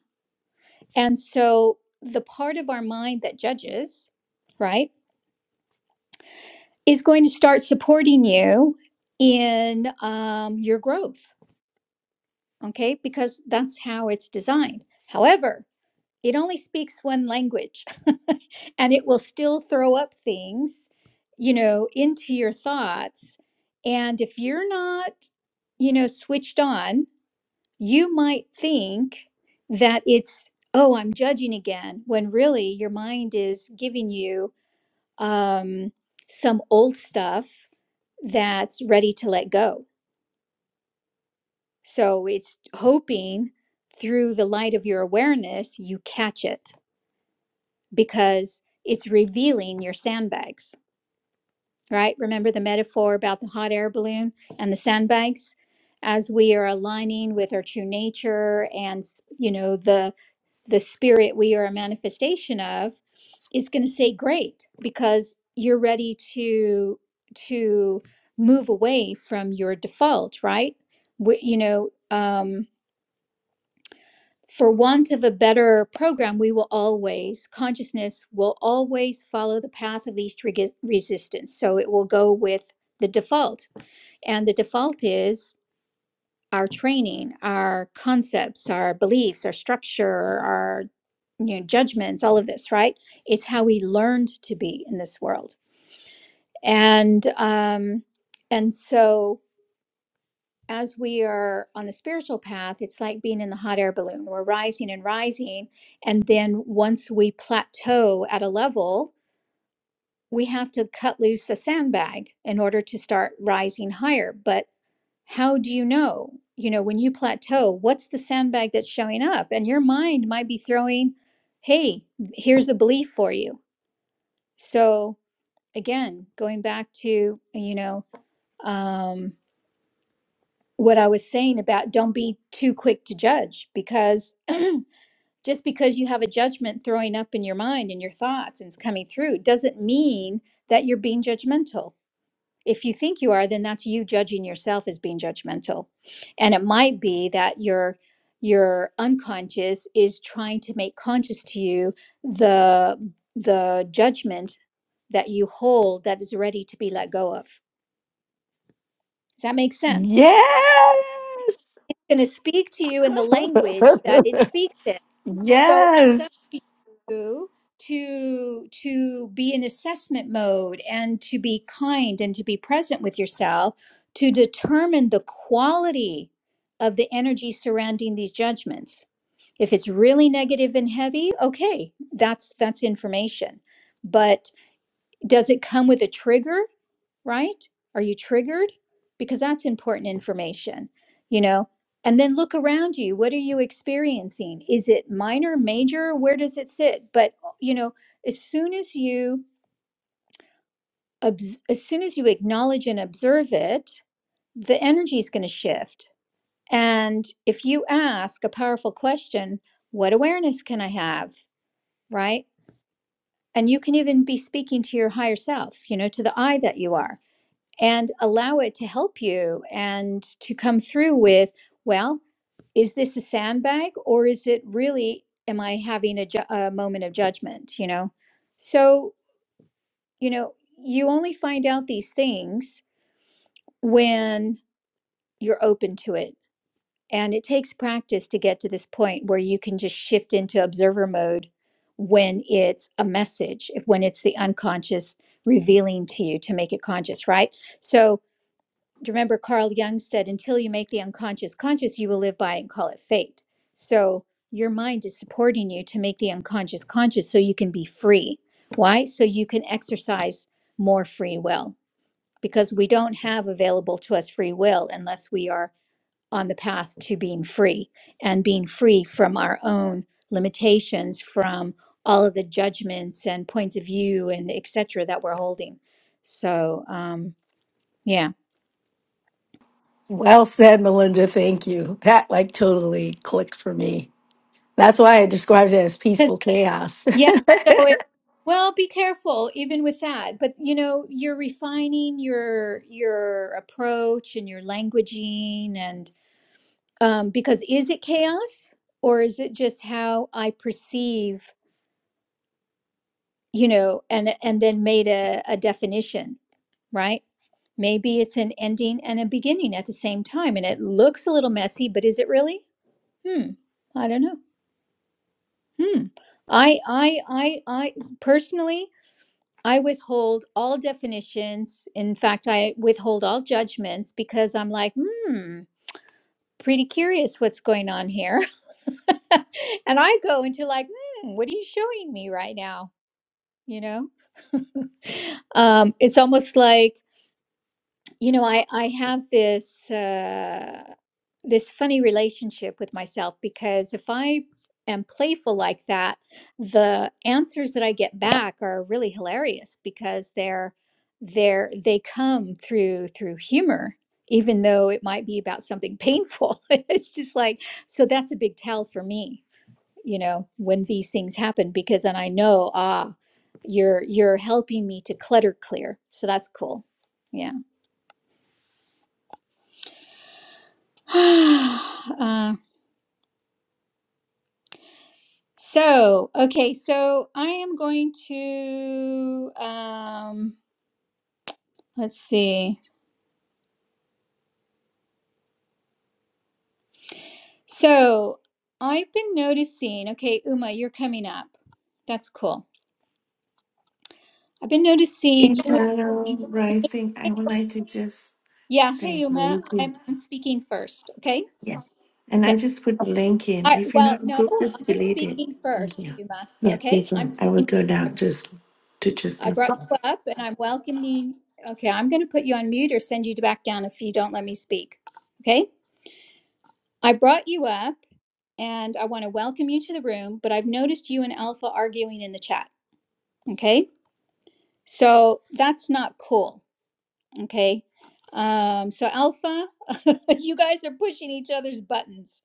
Speaker 1: And so the part of our mind that judges, right, is going to start supporting you in um, your growth, okay, because that's how it's designed. However, it only speaks one language and it will still throw up things, you know, into your thoughts. And if you're not, you know, switched on, you might think that it's oh i'm judging again when really your mind is giving you um, some old stuff that's ready to let go so it's hoping through the light of your awareness you catch it because it's revealing your sandbags right remember the metaphor about the hot air balloon and the sandbags as we are aligning with our true nature and you know the the spirit we are a manifestation of is going to say great because you're ready to to move away from your default right we, you know um for want of a better program we will always consciousness will always follow the path of least regi- resistance so it will go with the default and the default is our training, our concepts, our beliefs, our structure, our you know, judgments, all of this, right? It's how we learned to be in this world. And um, and so as we are on the spiritual path, it's like being in the hot air balloon. We're rising and rising. And then once we plateau at a level, we have to cut loose a sandbag in order to start rising higher. But how do you know you know when you plateau what's the sandbag that's showing up and your mind might be throwing hey here's a belief for you so again going back to you know um what i was saying about don't be too quick to judge because just because you have a judgment throwing up in your mind and your thoughts and it's coming through doesn't mean that you're being judgmental If you think you are, then that's you judging yourself as being judgmental. And it might be that your your unconscious is trying to make conscious to you the the judgment that you hold that is ready to be let go of. Does that make sense?
Speaker 3: Yes.
Speaker 1: Going to speak to you in the language that it speaks in. So it's up
Speaker 3: Yes.
Speaker 1: to you to to be in assessment mode and to be kind and to be present with yourself to determine the quality of the energy surrounding these judgments. If it's really negative and heavy, okay, that's that's information. But does it come with a trigger? right? Are you triggered? Because that's important information, you know? And then look around you. What are you experiencing? Is it minor, major? Where does it sit? But, uh, you know, as soon as you obs- as soon as you acknowledge and observe it, the energy is going to shift. And if you ask a powerful question, what awareness can I have, right? And you can even be speaking to your higher self, you know, to the I that you are and allow it to help you and to come through with, well, is this a sandbag or is it really, am I having a, ju- a moment of judgment? You know? So, you know, you only find out these things when you're open to it. And it takes practice to get to this point where you can just shift into observer mode when it's a message, if when it's the unconscious revealing to you to make it conscious, right? So, do you remember Carl Jung said, until you make the unconscious conscious, you will live by and call it fate. So your mind is supporting you to make the unconscious conscious so you can be free. Why? So you can exercise more free will because we don't have available to us free will unless we are on the path to being free and being free from our own limitations, from all of the judgments and points of view and etc. that we're holding. So, um, yeah.
Speaker 3: Well said, Melinda. Thank you. That like totally clicked for me. That's why I described it as peaceful chaos.
Speaker 1: Yeah. So it well, be careful even with that. But you know, you're refining your your approach and your languaging and um because is it chaos or is it just how I perceive, you know, and and then made a, a definition, right? Maybe it's an ending and a beginning at the same time and it looks a little messy, but is it really? Hmm. I don't know. Hmm. I I I I personally I withhold all definitions. In fact, I withhold all judgments because I'm like, hmm, pretty curious what's going on here. and I go into like, hmm, what are you showing me right now? You know, um, it's almost like You know, I I have this uh, this funny relationship with myself because if I am playful like that, the answers that I get back are really hilarious because they're they're they come through through humor, even though it might be about something painful. It's just like so that's a big tell for me, you know, when these things happen because then I know ah, you're you're helping me to clutter clear. So that's cool. yeah. uh, so okay so i am going to um let's see so i've been noticing okay uma you're coming up that's cool i've been noticing you
Speaker 4: Eternal Rising, I would like to just
Speaker 1: yeah hey
Speaker 4: say
Speaker 1: uma
Speaker 4: thank you.
Speaker 1: i'm, I'm speaking first okay
Speaker 4: Yes. And
Speaker 1: okay
Speaker 4: I just put the link in.
Speaker 1: i
Speaker 4: If you're
Speaker 1: well
Speaker 4: not
Speaker 1: no
Speaker 4: approved, just
Speaker 1: i'm
Speaker 4: delete it.
Speaker 1: speaking
Speaker 4: Thank
Speaker 1: first
Speaker 4: you.
Speaker 1: uma
Speaker 4: Yes, you
Speaker 1: okay i'm
Speaker 4: can. I will
Speaker 1: speaking
Speaker 4: go down just to just
Speaker 1: i brought
Speaker 4: listen.
Speaker 1: you up and i'm welcoming okay i'm going to put you on mute or send you back down if you don't let me speak okay I brought you up and I want to welcome you to the room, but I've noticed you and Alpha arguing in the chat. Okay. So that's not cool. Okay. Um, so Alpha, you guys are pushing each other's buttons.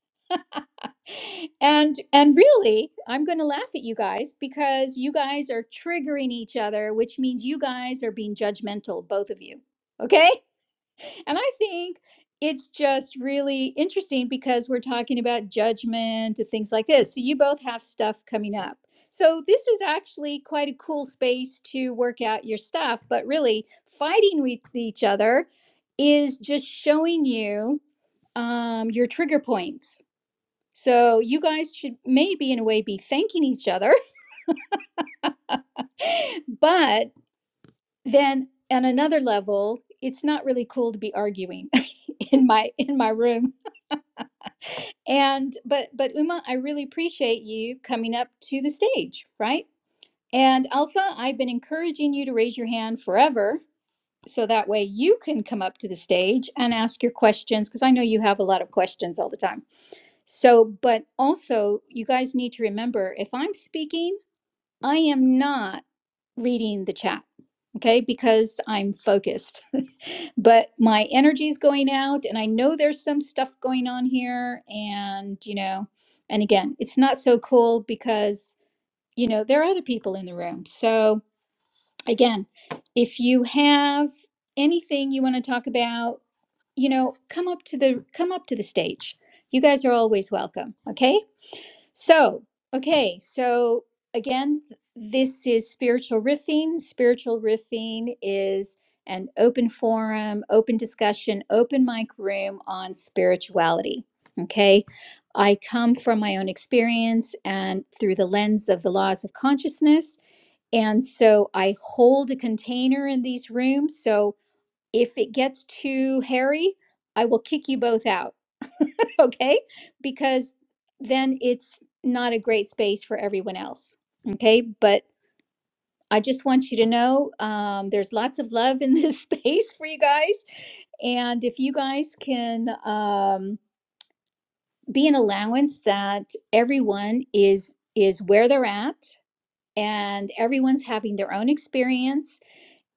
Speaker 1: And and really, I'm gonna laugh at you guys because you guys are triggering each other, which means you guys are being judgmental, both of you. Okay? And I think it's just really interesting because we're talking about judgment and things like this. So you both have stuff coming up. So this is actually quite a cool space to work out your stuff, but really fighting with each other is just showing you um, your trigger points. So you guys should maybe, in a way, be thanking each other. But then, on another level, it's not really cool to be arguing in my in my room and but but Uma, I really appreciate you coming up to the stage, right? And Alpha, I've been encouraging you to raise your hand forever so that way you can come up to the stage and ask your questions because I know you have a lot of questions all the time. So, but also you guys need to remember if I'm speaking, I am not reading the chat okay because i'm focused but my energy's going out and i know there's some stuff going on here and you know and again it's not so cool because you know there are other people in the room so again if you have anything you want to talk about you know come up to the come up to the stage you guys are always welcome okay so, okay, so again, this is spiritual riffing. Spiritual riffing is an open forum, open discussion, open mic room on spirituality. Okay, I come from my own experience and through the lens of the laws of consciousness. And so I hold a container in these rooms. So if it gets too hairy, I will kick you both out okay? Because then it's not a great space for everyone else, okay? But I just want you to know um, there's lots of love in this space for you guys. And if you guys can um, be an allowance that everyone is is where they're at and everyone's having their own experience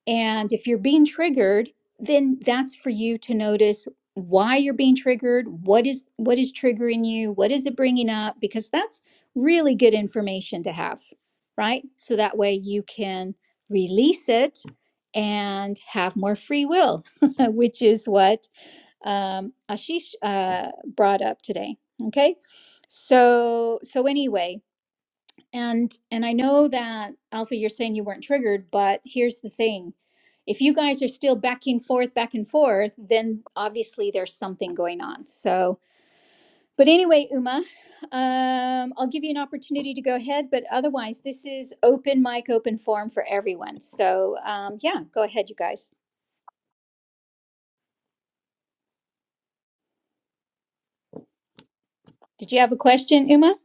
Speaker 1: and if you're being triggered, then that's for you to notice why you're being triggered, what is what is triggering you, what is it bringing up because that's really good information to have, right? So that way you can release it and have more free will, which is what um, Ashish uh, brought up today. Okay, so so anyway, and and I know that Alpha, you're saying you weren't triggered, but here's the thing. If you guys are still back and forth, back and forth, then obviously there's something going on. So, but anyway, Uma, um, I'll give you an opportunity to go ahead. But otherwise, this is open mic, open forum for everyone. So, um, yeah, go ahead, you guys. Did you have a question, Uma?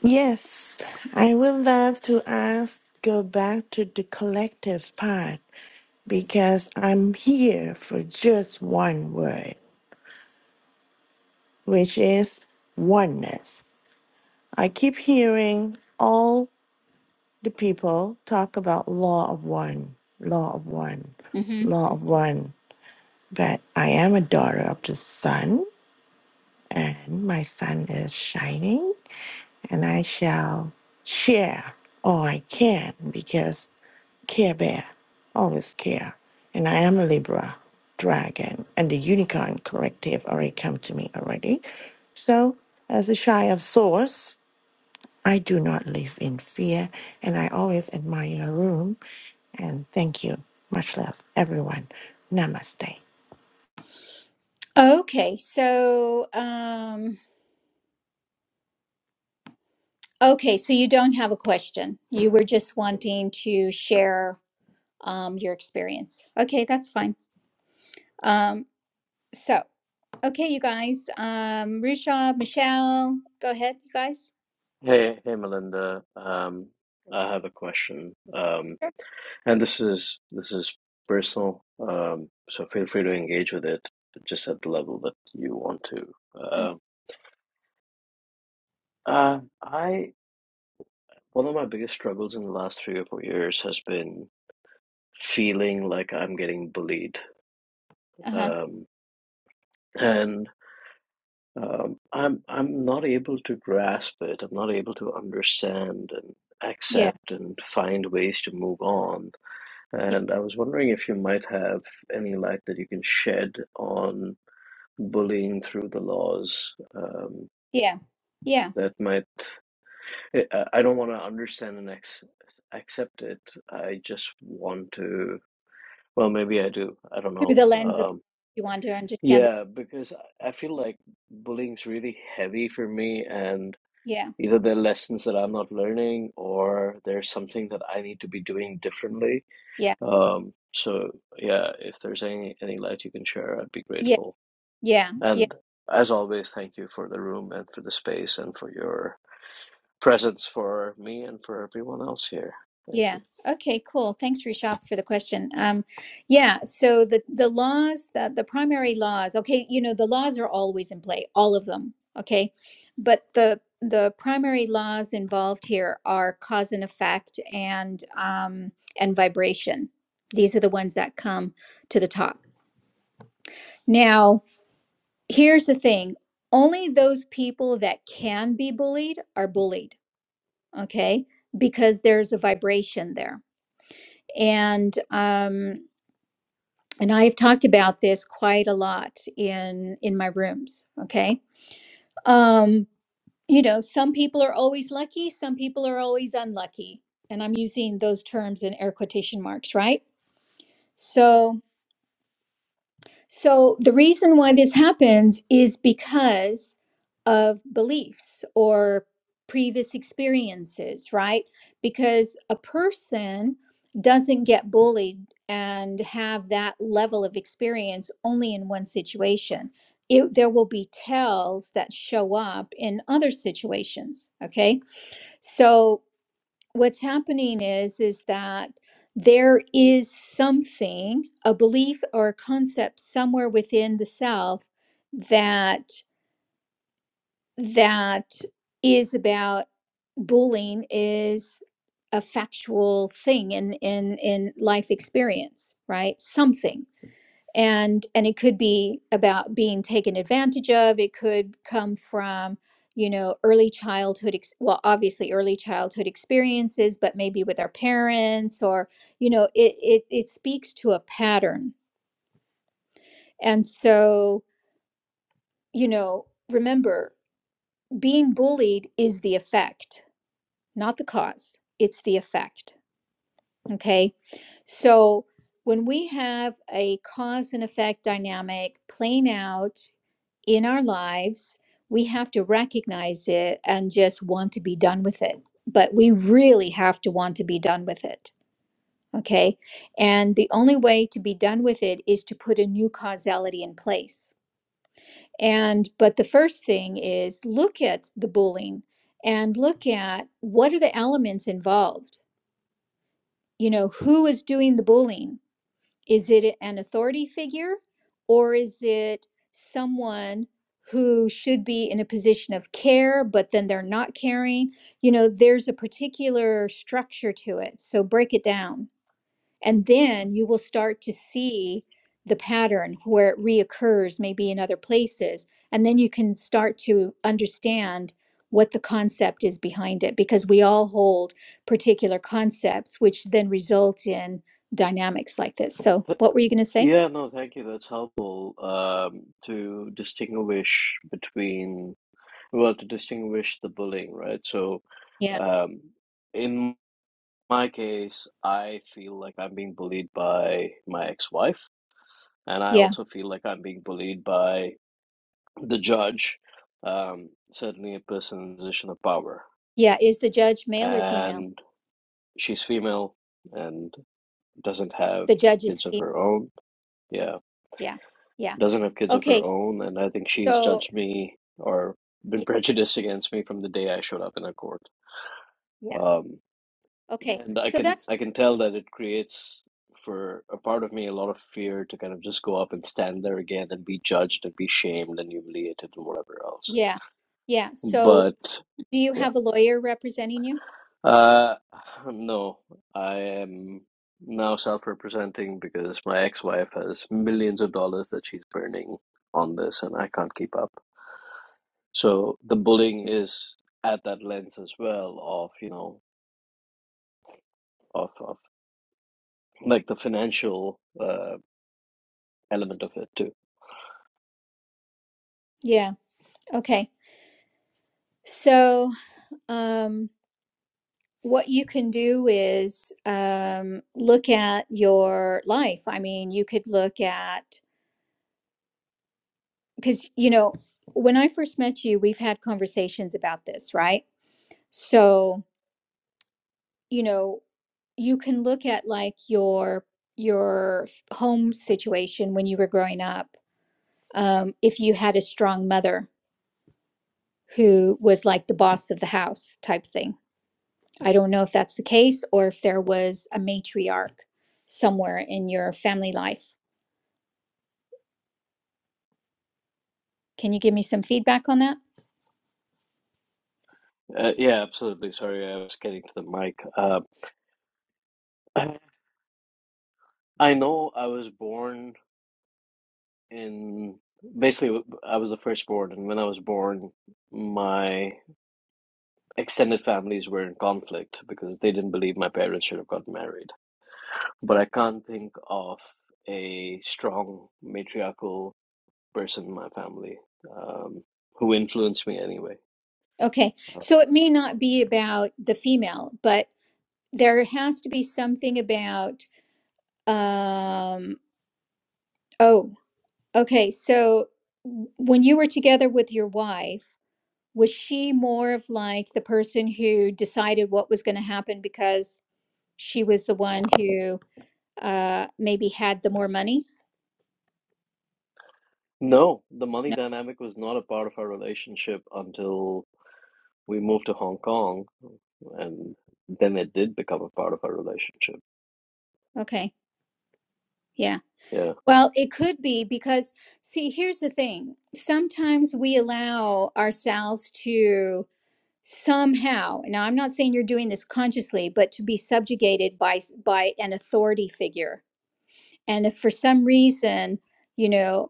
Speaker 4: Yes, I would love to ask, go back to the collective part because I'm here for just one word, which is oneness. I keep hearing all the people talk about law of one, law of one,
Speaker 1: hmm
Speaker 4: law of one, that I am a daughter of the sun and my sun is shining and I shall share all I can because care bear, always care. And I am a Libra dragon and the unicorn corrective already come to me already. So as a shy of source, I do not live in fear, and I always admire your room. And thank you. Much love, everyone. Namaste.
Speaker 1: Okay, so um, okay, so you don't have a question. You were just wanting to share um, your experience. Okay, that's fine. Um, so okay, you guys, um, Risha, Michelle, go ahead, you guys.
Speaker 5: Hey, hey, Melinda. Um, I have a question. Um,
Speaker 1: Sure.
Speaker 5: and this is this is personal. Um, so feel free to engage with it just at the level that you want to. Um uh, I one of my biggest struggles in the last three or four years has been feeling like I'm getting bullied.
Speaker 1: Uh huh.
Speaker 5: Um, and um, I'm I'm not able to grasp it. I'm not able to understand and
Speaker 1: Yeah.
Speaker 5: accept and find ways to move on And I was wondering if you might have any light that you can shed on bullying through the laws um,
Speaker 1: Yeah. Yeah.
Speaker 5: that might. I I don't want to understand and ex accept it. I just want to. Well, maybe I do. I don't
Speaker 1: Through
Speaker 5: know.
Speaker 1: the lens of
Speaker 5: Um,
Speaker 1: you want to understand. The,
Speaker 5: yeah, because I I feel like bullying's really heavy for me, and
Speaker 1: yeah.
Speaker 5: either there are lessons that I'm not learning, or there's something that I need to be doing differently
Speaker 1: Yeah.
Speaker 5: Um, so yeah, if there's any any light you can share, I'd be
Speaker 1: Yeah.
Speaker 5: grateful.
Speaker 1: Yeah. Yeah.
Speaker 5: And as always, thank you for the room and for the space and for your presence for me and for everyone else here. Thank you.
Speaker 1: Yeah. Okay, cool. Thanks, Rishabh, for the question. Um, yeah, so the, the laws, the, the primary laws, okay, you know, the laws are always in play, all of them, okay? But the the primary laws involved here are cause and effect and um, and vibration. These are the ones that come to the top. Now, here's the thing only those people that can be bullied are bullied okay because there's a vibration there and um and i've talked about this quite a lot in in my rooms okay um you know some people are always lucky some people are always unlucky and i'm using those terms in air quotation marks right so So the reason why this happens is because of beliefs or previous experiences, right? Because a person doesn't get bullied and have that level of experience only in one situation. It, there will be tells that show up in other situations. Okay. So what's happening is is that there is something a belief or a concept somewhere within the self that that is about bullying is a factual thing in in in life experience right something and and it could be about being taken advantage of it could come from you know early childhood ex- well obviously early childhood experiences but maybe with our parents or you know it it, it speaks to a pattern and so you know remember being bullied is the effect not the cause it's the effect okay so when we have a cause and effect dynamic playing out in our lives, we have to recognize it and just want to be done with it. But we really have to want to be done with it. Okay. And the only way to be done with it is to put a new causality in place. And, but the first thing is look at the bullying and look at what are the elements involved? You know, who is doing the bullying? Is it an authority figure or is it someone who should be in a position of care, but then they're not caring? You know, there's a particular structure to it. So break it down. And then you will start to see the pattern where it reoccurs, maybe in other places. And then you can start to understand what the concept is behind it because we all hold particular concepts, which then result in dynamics like this. So,
Speaker 5: Th-
Speaker 1: what were you going to say?
Speaker 5: Yeah, no, thank you. That's helpful um, to distinguish between, well, to distinguish the bullying, right? So,
Speaker 1: Yeah.
Speaker 5: um, in my case, I feel like I'm being bullied by my ex-wife, and I
Speaker 1: Yeah.
Speaker 5: also feel like I'm being bullied by the judge, um, certainly a person in a position of power,
Speaker 1: Yeah. Is the judge male or female?
Speaker 5: and she's female and doesn't have
Speaker 1: The judge is
Speaker 5: kids of
Speaker 1: female.
Speaker 5: her own. Yeah,
Speaker 1: Yeah. Yeah.
Speaker 5: doesn't have kids of her
Speaker 1: Okay.
Speaker 5: own, and I think she's
Speaker 1: So,
Speaker 5: judged me or
Speaker 1: yeah.
Speaker 5: been prejudiced against me from the day I showed up in a court.
Speaker 1: yeah.
Speaker 5: Um,
Speaker 1: Okay.
Speaker 5: and I
Speaker 1: So
Speaker 5: can
Speaker 1: that's,
Speaker 5: I can tell that it creates for a part of me a lot of fear to kind of just go up and stand there again and be judged and be shamed and humiliated and whatever else.
Speaker 1: yeah. Yeah. So,
Speaker 5: But
Speaker 1: do you have a lawyer representing you?
Speaker 5: Uh, no, I am now self-representing because my ex-wife has millions of dollars that she's burning on this, and I can't keep up. So the bullying is at that lens as well of, you know, of, of like the financial uh, element of it too.
Speaker 1: Yeah. Okay. So, um, what you can do is um, look at your life. I mean, you could look at, because, you know, when I first met you, we've had conversations about this, right? So, you know, you can look at like your your f- home situation when you were growing up um, if you had a strong mother who was like the boss of the house type thing I don't know if that's the case or if there was a matriarch somewhere in your family life. Can you give me some feedback on that?
Speaker 5: Uh, yeah, absolutely. Sorry, I was getting to the mic. Uh, I know I was born in basically I was the firstborn, and when I was born, my extended families were in conflict because they didn't believe my parents should have gotten married. But I can't think of a strong matriarchal person in my family um, who influenced me anyway.
Speaker 1: Okay.
Speaker 5: Uh,
Speaker 1: So it may not be about the female, but there has to be something about um oh, okay. So w- when you were together with your wife, was she more of like the person who decided what was going to happen because she was the one who uh maybe had the more money
Speaker 5: no, the money
Speaker 1: no
Speaker 5: dynamic was not a part of our relationship until we moved to Hong Kong, and then it did become a part of our relationship.
Speaker 1: okay yeah
Speaker 5: Yeah.
Speaker 1: well it could be because see here's the thing sometimes we allow ourselves to somehow now i'm not saying you're doing this consciously but to be subjugated by s- by an authority figure and if for some reason you know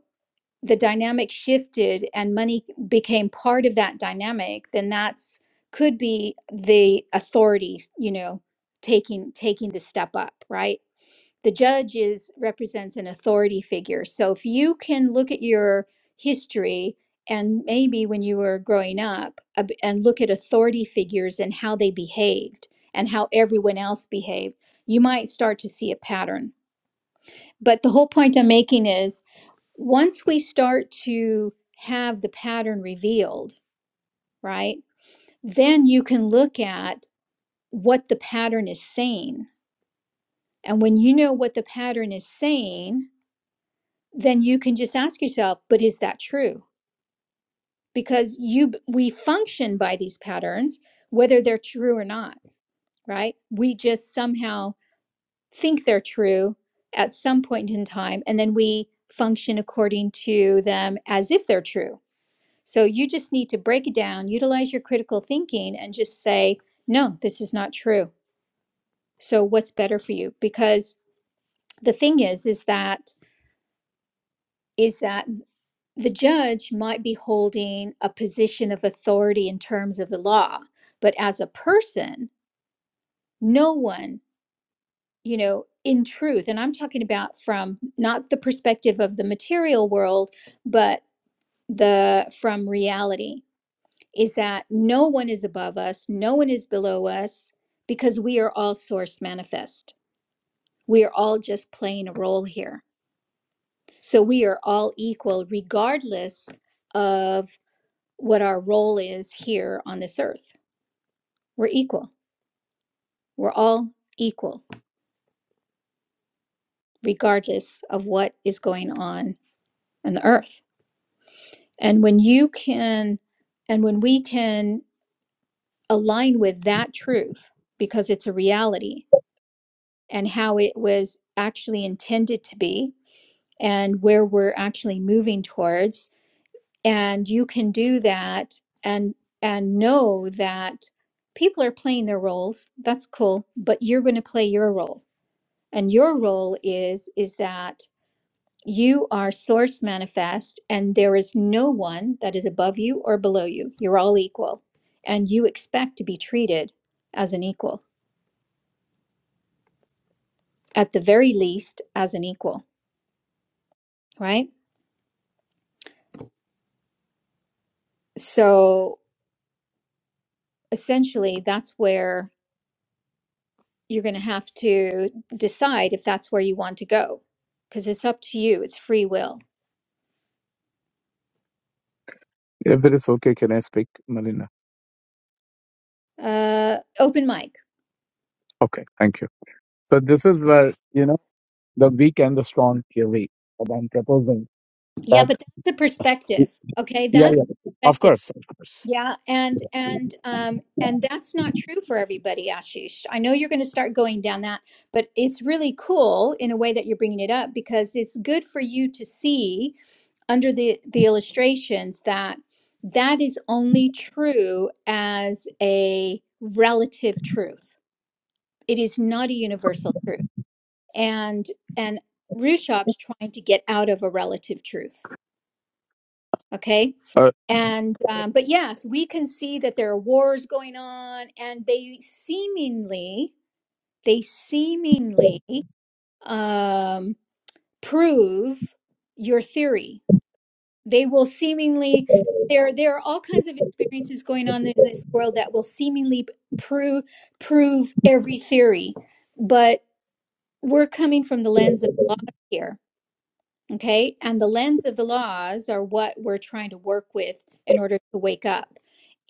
Speaker 1: the dynamic shifted and money became part of that dynamic then that's could be the authority you know taking taking the step up right the judge is represents an authority figure so if you can look at your history and maybe when you were growing up a b- and look at authority figures and how they behaved and how everyone else behaved you might start to see a pattern but the whole point i'm making is once we start to have the pattern revealed, right, then you can look at what the pattern is saying. And when you know what the pattern is saying, then you can just ask yourself, but is that true? Because you we function by these patterns whether they're true or not, right? We just somehow think they're true at some point in time and then we function according to them as if they're true So you just need to break it down, utilize your critical thinking, and just say, no, this is not true. So what's better for you? Because the thing is, is that is that the judge might be holding a position of authority in terms of the law, but as a person, no one, you know, in truth, and I'm talking about from not the perspective of the material world, but the from reality is that no one is above us, no one is below us, because we are all source manifest. We are all just playing a role here. So we are all equal, regardless of what our role is here on this earth. We're equal. We're all equal, regardless of what is going on on the earth. And when you can, and when we can align with that truth, because it's a reality, and how it was actually intended to be and where we're actually moving towards and you can do that and and know that people are playing their roles that's cool but you're going to play your role and your role is is that you are source manifest and there is no one that is above you or below you you're all equal and you expect to be treated as an equal at the very least as an equal right so essentially that's where you're going to have to decide if that's where you want to go because it's up to you it's free will
Speaker 2: If it is okay, can I speak, Malina?
Speaker 1: uh open mic
Speaker 2: Okay, thank you. So this is where you know the weak and the strong theory that I'm proposing.
Speaker 1: yeah
Speaker 2: That
Speaker 1: but that's a
Speaker 2: yeah,
Speaker 1: perspective okay that's
Speaker 2: yeah,
Speaker 1: a
Speaker 2: of
Speaker 1: perspective
Speaker 2: course, of course.
Speaker 1: yeah and and um and that's not true for everybody ashish i know you're going to start going down that but it's really cool in a way that you're bringing it up because it's good for you to see under the the illustrations that that is only true as a relative truth it is not a universal truth and and Rushop's trying to get out of a relative truth okay
Speaker 2: Uh,
Speaker 1: and um, but yes we can see that there are wars going on and they seemingly they seemingly um, prove your theory they will seemingly there there are all kinds of experiences going on in this world that will seemingly prove prove every theory but we're coming from the lens of laws here okay and the lens of the laws are what we're trying to work with in order to wake up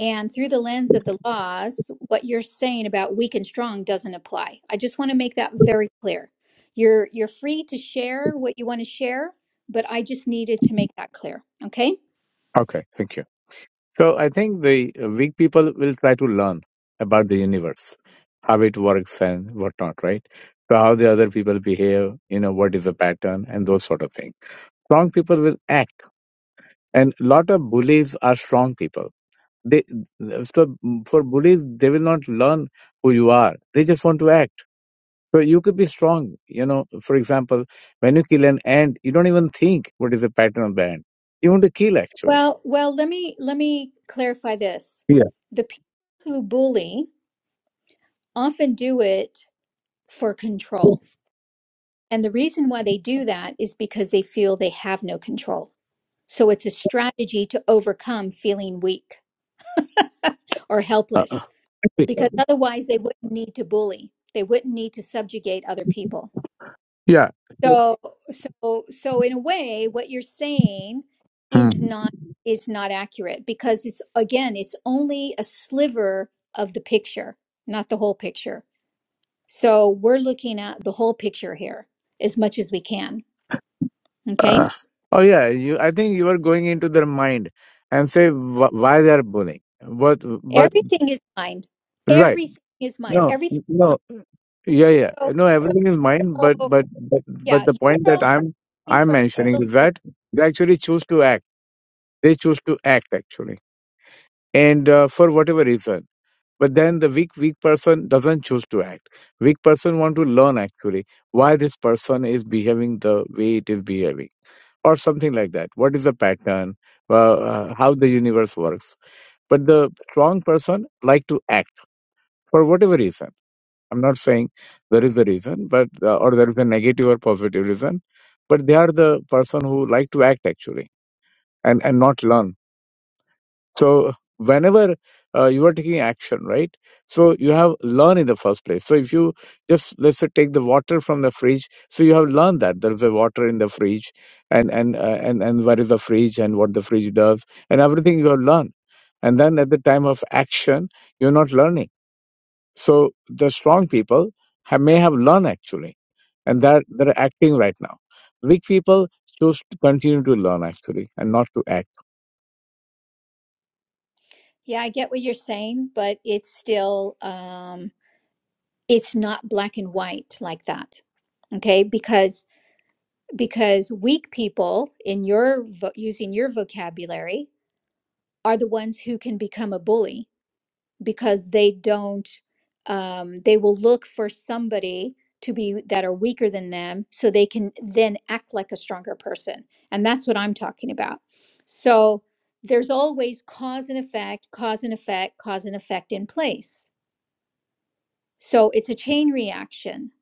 Speaker 1: and through the lens of the laws what you're saying about weak and strong doesn't apply i just want to make that very clear you're you're free to share what you want to share but i just needed to make that clear okay
Speaker 2: okay, thank you. So I think the weak people will try to learn about the universe, how it works and whatnot, right? So how the other people behave, you know, what is the pattern and those sort of things. Strong people will act, and lot of bullies are strong people They so for bullies, they will not learn who you are. They just want to act. So you could be strong. You know, for example, when you kill an ant, you don't even think what is the pattern of the ant. You want to kill actually.
Speaker 1: Well, well, let me let me clarify this.
Speaker 2: Yes.
Speaker 1: The people who bully often do it for control. And the reason why they do that is because they feel they have no control. So it's a strategy to overcome feeling weak or
Speaker 2: Uh, uh,
Speaker 1: helpless because otherwise they wouldn't need to bully. They wouldn't need to subjugate other people.
Speaker 2: Yeah.
Speaker 1: So, so, so in a way, what you're saying
Speaker 2: hmm.
Speaker 1: is not is not accurate because it's again, it's only a sliver of the picture, not the whole picture. So we're looking at the whole picture here as much as we can. Okay,
Speaker 2: uh, Oh yeah, you. I think you are going into their mind and say wh- why they are bullying. What? But
Speaker 1: everything is mind.
Speaker 2: right?
Speaker 1: Everything is mind.
Speaker 2: No,
Speaker 1: Everything.
Speaker 2: no. Yeah, yeah.
Speaker 1: So,
Speaker 2: No, everything is mine, but
Speaker 1: so
Speaker 2: but but but
Speaker 1: yeah,
Speaker 2: the
Speaker 1: you're
Speaker 2: point that
Speaker 1: only
Speaker 2: I'm
Speaker 1: looking
Speaker 2: I'm
Speaker 1: from
Speaker 2: mentioning
Speaker 1: a little
Speaker 2: is
Speaker 1: sliver.
Speaker 2: that they actually choose to act. They choose to act actually, and uh, for whatever reason. But then the weak weak person doesn't choose to act. Weak person want to learn actually why this person is behaving the way it is behaving, or something like that. What is the pattern? Uh, uh, how the universe works. But the strong person like to act for whatever reason I'm not saying there is a reason, but uh, or there is a negative or positive reason, but they are the person who like to act actually and and not learn. So whenever uh, you are taking action, right? So you have learned in the first place. So if you just let's say take the water from the fridge, so you have learned that there is a water in the fridge, and and uh, and and where is the fridge and what the fridge does and everything you have learned, and then at the time of action you're not learning so the strong people have, may have learned actually, and that they're acting right now. Weak people choose to continue to learn actually and not to act.
Speaker 1: Yeah, I get what you're saying, but it's still um, it's not black and white like that okay because because weak people in your vo- using your vocabulary are the ones who can become a bully because they don't um, they will look for somebody to be that are weaker than them so they can then act like a stronger person and that's what i'm talking about so there's always cause and effect cause and effect cause and effect in place so it's a chain reaction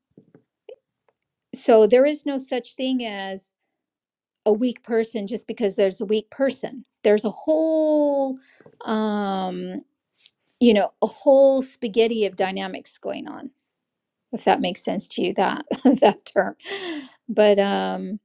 Speaker 1: so there is no such thing as a weak person just because there's a weak person. There's a whole, um, you know, a whole spaghetti of dynamics going on. If that makes sense to you, that that term. But um,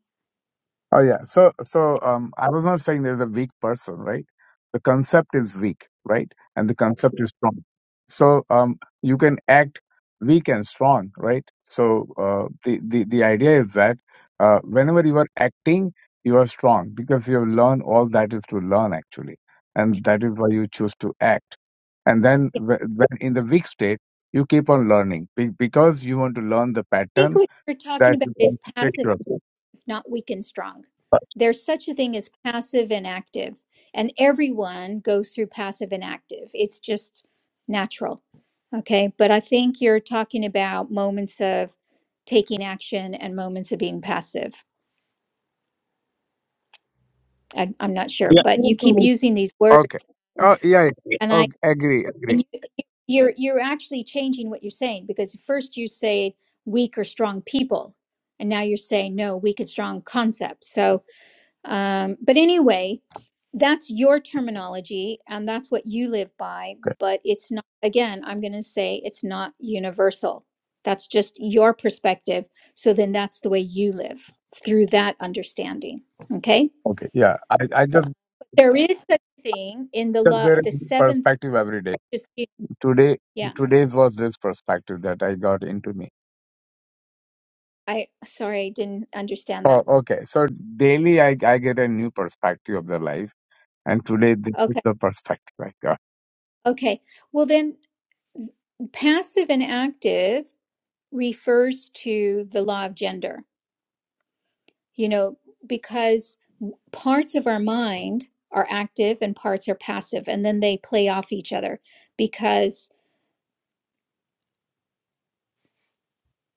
Speaker 2: Oh yeah. So so um, I was not saying there's a weak person, right? The concept is weak, right? And the concept is strong. So um, you can act weak and strong, right? So uh, the the the idea is that uh, whenever you are acting, you are strong because you have learned all that is to learn actually, and that is why you choose to act. And then
Speaker 1: yeah,
Speaker 2: wh- when in the weak state, you keep on learning be- because you want to learn the
Speaker 1: I think
Speaker 2: pattern
Speaker 1: what you're talking
Speaker 2: that
Speaker 1: about
Speaker 2: you can
Speaker 1: is
Speaker 2: teach
Speaker 1: passive,
Speaker 2: yourself.
Speaker 1: if not weak and strong. There's such a thing as passive and active, and everyone goes through passive and active. It's just natural. Okay, but I think you're talking about moments of taking action and moments of being passive. I, I'm not sure, but you
Speaker 2: Yeah.
Speaker 1: keep using these
Speaker 2: Okay.
Speaker 1: words,
Speaker 2: Oh yeah. yeah.
Speaker 1: and I
Speaker 2: Okay. Agree. Agree.
Speaker 1: and you, you're you're actually changing what you're saying because first you say weak or strong people, and now you're saying no weak and strong concepts. So Um, but anyway, that's your terminology and that's what you live by.
Speaker 2: Okay.
Speaker 1: But it's not, again, I'm going to say it's not universal. That's just your perspective. So then that's the way you live through that understanding. Okay.
Speaker 2: Okay. Yeah. I, I just
Speaker 1: There is such a thing in the
Speaker 2: just
Speaker 1: law,
Speaker 2: there is
Speaker 1: the seventh.
Speaker 2: perspective every day.
Speaker 1: just-
Speaker 2: Today
Speaker 1: Yeah.
Speaker 2: today's was this perspective that I got into me.
Speaker 1: I, sorry, I didn't understand
Speaker 2: Oh,
Speaker 1: that.
Speaker 2: okay. So daily I I get a new perspective of the life, and today this is
Speaker 1: Okay.
Speaker 2: the perspective I got.
Speaker 1: Okay. Well, then passive and active refers to the law of gender, you know, because parts of our mind are active and parts are passive and then they play off each other because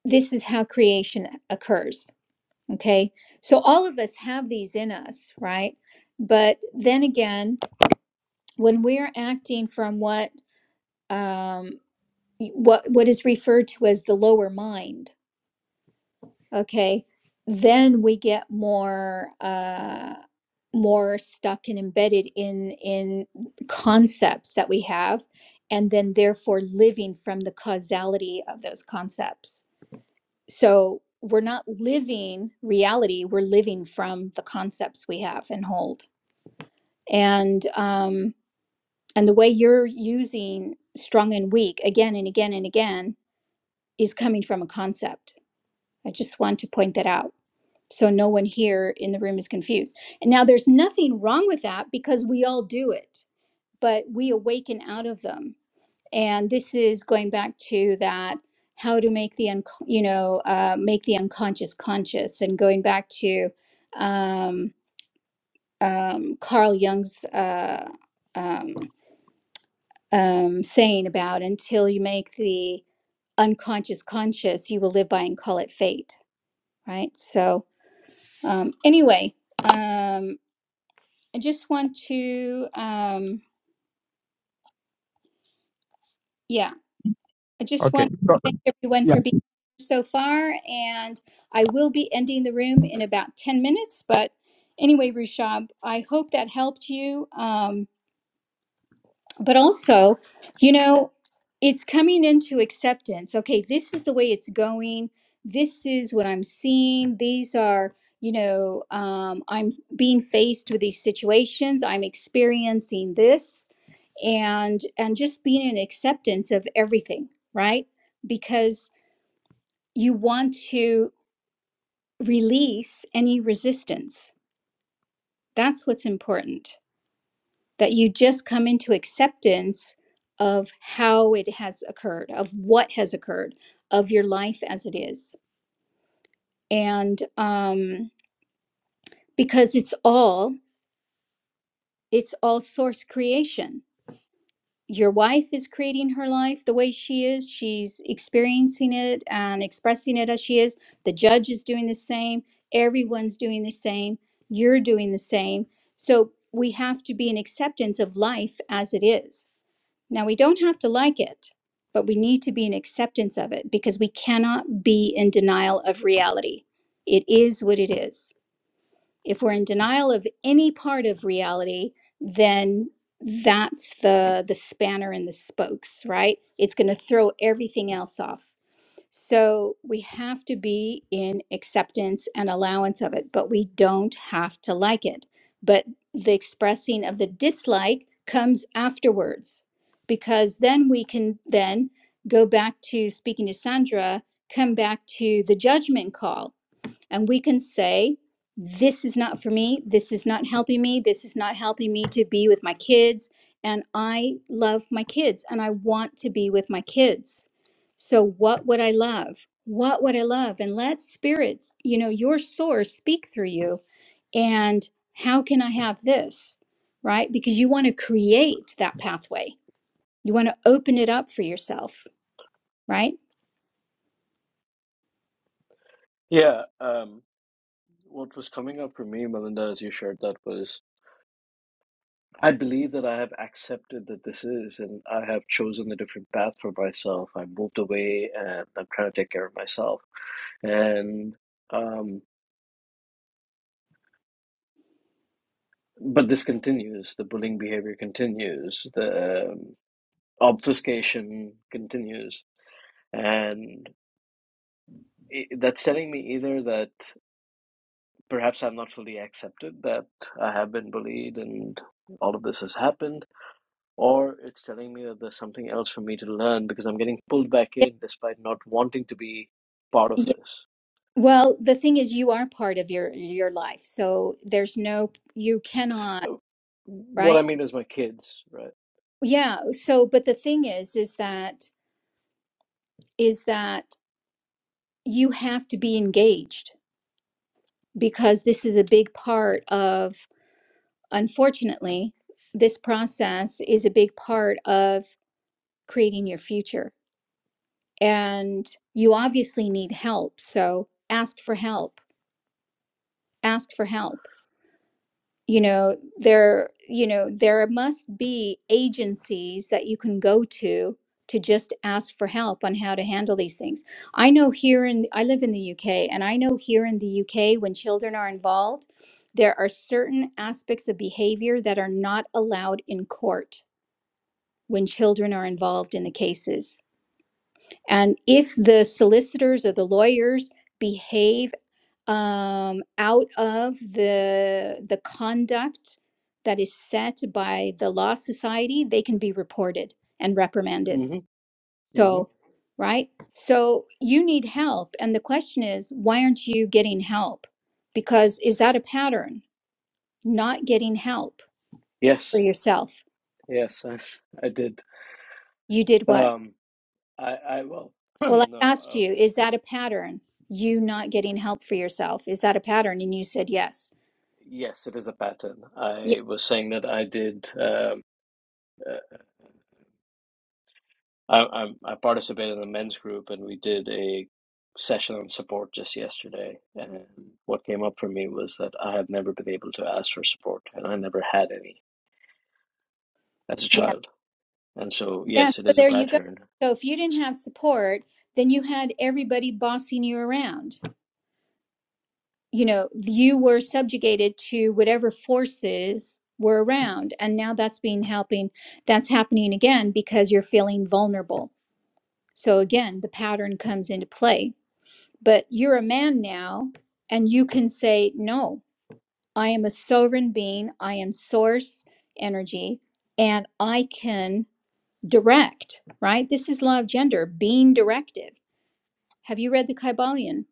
Speaker 1: this is how creation occurs okay so all of us have these in us right but then again when we're acting from what um what what is referred to as the lower mind okay then we get more uh more stuck and embedded in in concepts that we have and then therefore living from the causality of those concepts so we're not living reality we're living from the concepts we have and hold and um and the way you're using strong and weak again and again and again is coming from a concept i just want to point that out so no one here in the room is confused. And now there's nothing wrong with that because we all do it, but we awaken out of them. And this is going back to that how to make the un- you know uh, make the unconscious conscious, and going back to um, um, Carl Jung's uh, um, um, saying about until you make the unconscious conscious, you will live by and call it fate. Right. So um, anyway. Um, I just want to, um, yeah, I just
Speaker 2: Okay.
Speaker 1: want
Speaker 2: So,
Speaker 1: to thank everyone
Speaker 2: yeah.
Speaker 1: for being here so far. And I will be ending the room in about 10 minutes. But anyway, Rushab, I hope that helped you. Um, but also, you know, it's coming into acceptance. Okay, this is the way it's going. This is what I'm seeing. These are, you know, um, I'm being faced with these situations. I'm experiencing this, and and just being in acceptance of everything, right? Because you want to release any resistance. That's what's important. that you just come into acceptance of how it has occurred, of what has occurred, of your life as it is. And um, because it's all, it's all source creation. Your wife is creating her life the way she is. She's experiencing it and expressing it as she is. The judge is doing the same. Everyone's doing the same. You're doing the same. So we have to be in acceptance of life as it is Now, we don't have to like it, but we need to be in acceptance of it because we cannot be in denial of reality. It is what it is. If we're in denial of any part of reality, then that's the the spanner in the spokes, right? It's going to throw everything else off. So we have to be in acceptance and allowance of it, but we don't have to like it. But the expressing of the dislike comes afterwards because then we can then go back to speaking to Sandra, come back to the judgment call. And we can say, this is not for me. This is not helping me. This is not helping me to be with my kids. And I love my kids and I want to be with my kids. So, what would I love? What would I love? And let spirits, you know, your source speak through you. And how can I have this? Right? Because you want to create that pathway, you want to open it up for yourself, right?
Speaker 5: Yeah. Um, What was coming up for me, Melinda, as you shared that was I believe that I have accepted that this is, and I have chosen a different path for myself. I moved away and I'm trying to take care of myself. And, um, but this continues. The bullying behavior continues. The um, obfuscation continues. And i that's telling me either that perhaps I'm not fully accepted, that I have been bullied and all of this has happened or it's telling me that there's something else for me to learn because I'm getting pulled back in despite not wanting to be part of this.
Speaker 1: Well, the thing is, you are part of your your life, so there's no you cannot,
Speaker 5: Uh, What I
Speaker 1: right?
Speaker 5: mean is my kids, right?
Speaker 1: Yeah. So, but the thing is, is that is that you have to be engaged because this is a big part of, unfortunately, this process is a big part of creating your future. And you obviously need help, so ask for help. Ask for help you know there you know there must be agencies that you can go to to just ask for help on how to handle these things i know here in i live in the uk and i know here in the uk when children are involved there are certain aspects of behavior that are not allowed in court when children are involved in the cases and if the solicitors or the lawyers behave um, out of the the conduct that is set by the law society, they can be reported and reprimanded.
Speaker 5: hmm hmm
Speaker 1: So, right? So you need help, and the question is, why aren't you getting help? Because is that a pattern? Not getting help for
Speaker 5: Yes,
Speaker 1: yourself.
Speaker 5: yes, I, I did.
Speaker 1: You did what?
Speaker 5: Um, I, I well,
Speaker 1: Well, I
Speaker 5: no,
Speaker 1: asked
Speaker 5: uh,
Speaker 1: you, is that a pattern? You not getting help for yourself. Is that a pattern? And you said yes.
Speaker 5: yes, it is a pattern.
Speaker 1: Yeah.
Speaker 5: I was saying that I did. Um, uh, I, I I participated in the men's group and we did a session on support just yesterday. And what came up for me was that I have never been able to ask for support and I never had any as a
Speaker 1: yeah.
Speaker 5: child. And so,
Speaker 1: Yeah,
Speaker 5: yes, it
Speaker 1: so
Speaker 5: is a
Speaker 1: there you go.
Speaker 5: pattern.
Speaker 1: So if you didn't have support, then you had everybody bossing you around. You know, you were subjugated to whatever forces were around, and now that's being helping. That's happening again because you're feeling vulnerable. So again, the pattern comes into play. But you're a man now, and you can say, "No, I am a sovereign being. I am source energy, and I can direct." Right? This is law of gender, being directive Have you read the Kybalion?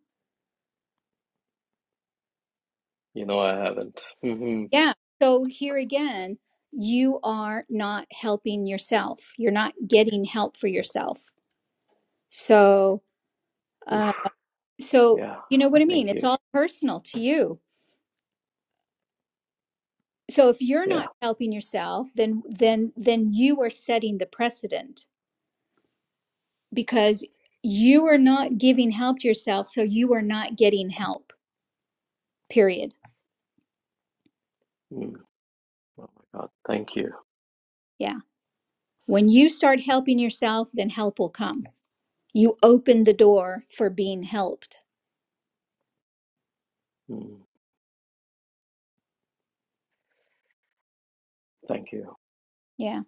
Speaker 5: You know, I haven't. hmm
Speaker 1: Yeah. So here again, you are not helping yourself. You're not getting help for yourself. So,
Speaker 5: Oof.
Speaker 1: uh, so
Speaker 5: Yeah.
Speaker 1: you know what I mean.
Speaker 5: Thank
Speaker 1: It's
Speaker 5: you.
Speaker 1: all personal to you. So if you're
Speaker 5: Yeah.
Speaker 1: not helping yourself, then then then you are setting the precedent because you are not giving help to yourself. So you are not getting help. Period.
Speaker 5: Mm. Oh my God. Thank you.
Speaker 1: Yeah. When you start helping yourself, then help will come. You open the door for being helped
Speaker 5: Mm. Thank you.
Speaker 1: Yeah.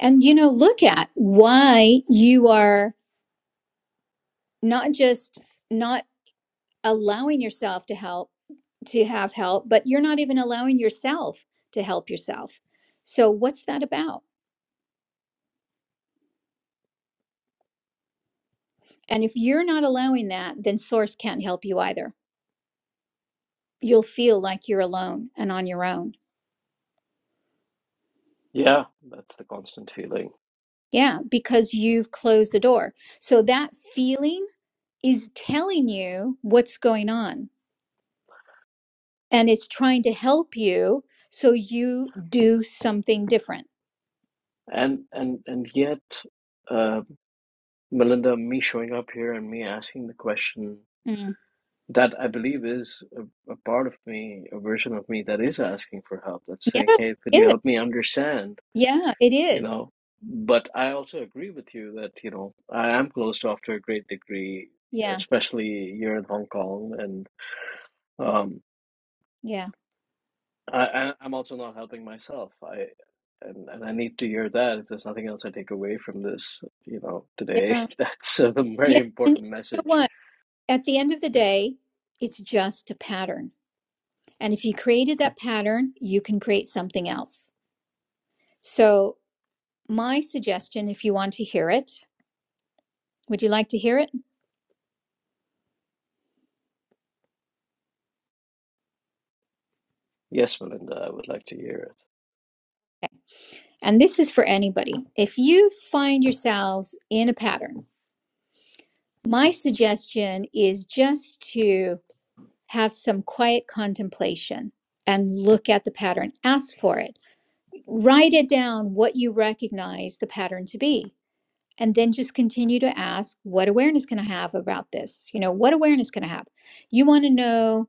Speaker 1: And, you know, look at why you are not just not allowing yourself to help, to have help, but you're not even allowing yourself to help yourself. So, what's that about? And if you're not allowing that, then Source can't help you either. You'll feel like you're alone and on your own.
Speaker 5: Yeah. That's the constant feeling.
Speaker 1: Yeah, because you've closed the door. So, that feeling is telling you what's going on and it's trying to help you so you do something different
Speaker 5: And and and yet, uh, Melinda, me showing up here and me asking the question
Speaker 1: Mm.
Speaker 5: that I believe is a, a part of me, a version of me that is asking for help. That's
Speaker 1: Yeah,
Speaker 5: saying, "Hey, could
Speaker 1: it
Speaker 5: you
Speaker 1: is.
Speaker 5: help me understand?"
Speaker 1: Yeah, it
Speaker 5: You
Speaker 1: is.
Speaker 5: know. But I also agree with you that you know I am closed off to a great degree,
Speaker 1: Yeah,
Speaker 5: especially here in Hong Kong and. um,
Speaker 1: Yeah.
Speaker 5: I, I- I'm also not helping myself. I and and I need to hear that. If there's nothing else I take away from this, you know, today,
Speaker 1: yeah,
Speaker 5: that's a very
Speaker 1: yeah. And you
Speaker 5: important
Speaker 1: know
Speaker 5: message.
Speaker 1: what? At the end of the day, it's just a pattern. And if you created that pattern, you can create something else. So, my suggestion, if you want to hear it, would you like to hear it?
Speaker 5: Yes, Melinda, I would like to hear it.
Speaker 1: And this is for anybody. If you find yourselves in a pattern, my suggestion is just to have some quiet contemplation and look at the pattern. Ask for it write it down what you recognize the pattern to be and then just continue to ask what awareness can i have about this you know what awareness can i have you want to know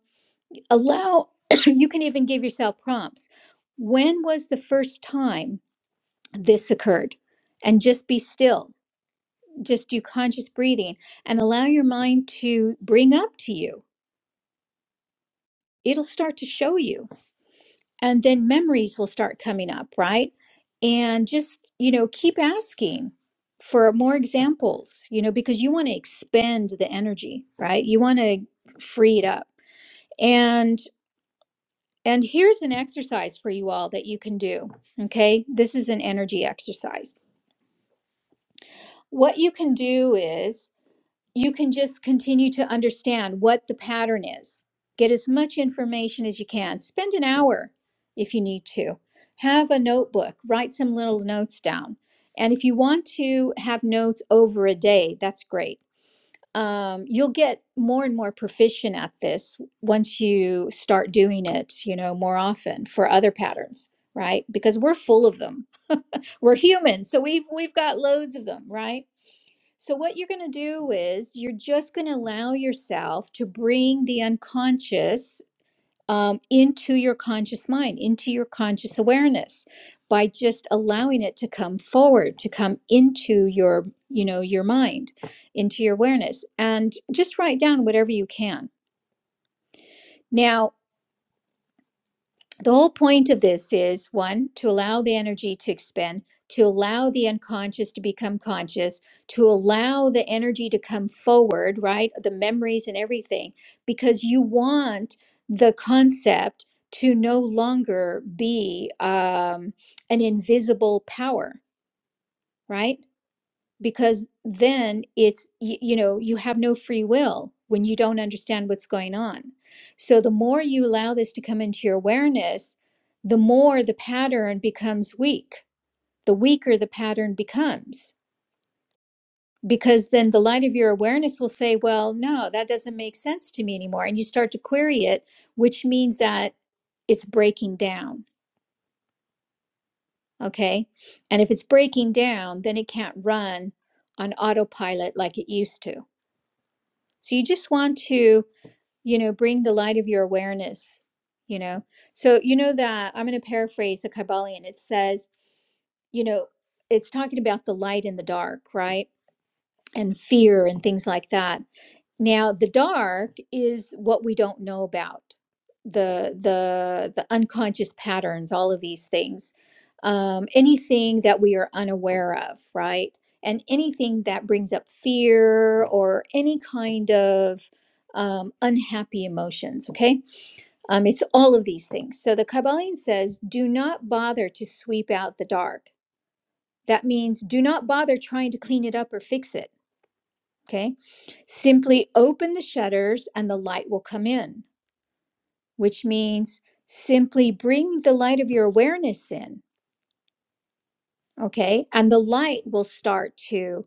Speaker 1: allow you can even give yourself prompts when was the first time this occurred and just be still just do conscious breathing and allow your mind to bring up to you it'll start to show you and then memories will start coming up, right? And just, you know, keep asking for more examples, you know, because you want to expend the energy, right? You want to free it up. And and here's an exercise for you all that you can do, okay? This is an energy exercise. What you can do is you can just continue to understand what the pattern is. Get as much information as you can. Spend an hour if you need to. Have a notebook, write some little notes down. And if you want to have notes over a day, that's great. Um, you'll get more and more proficient at this once you start doing it, you know, more often for other patterns, right? Because we're full of them. We're human, so we've we've got loads of them, right? So, what you're going to do is you're just going to allow yourself to bring the unconscious um, into your conscious mind, into your conscious awareness by just allowing it to come forward to come into your you know your mind into your awareness and just write down whatever you can now the whole point of this is one, to allow the energy to expend, to allow the unconscious to become conscious, to allow the energy to come forward, right? The memories and everything, because you want the concept to no longer be um, an invisible power, right? because then it's you, you know you have no free will when you don't understand what's going on so the more you allow this to come into your awareness the more the pattern becomes weak the weaker the pattern becomes because then the light of your awareness will say well no that doesn't make sense to me anymore and you start to query it which means that it's breaking down okay and if it's breaking down then it can't run on autopilot like it used to So you just want to, you know, bring the light of your awareness, you know. So, you know, that I'm going to paraphrase a Kybalion. It says, you know, it's talking about the light in the dark, right? And fear and things like that now, the dark is what we don't know about the the the unconscious patterns, all of these things, um, anything that we are unaware of, right? And anything that brings up fear or any kind of um, unhappy emotions. Okay, um, it's all of these things. So the Kabbalion says, "Do not bother to sweep out the dark." That means do not bother trying to clean it up or fix it Okay. Simply open the shutters and the light will come in, which means simply bring the light of your awareness in. Okay. And the light will start to,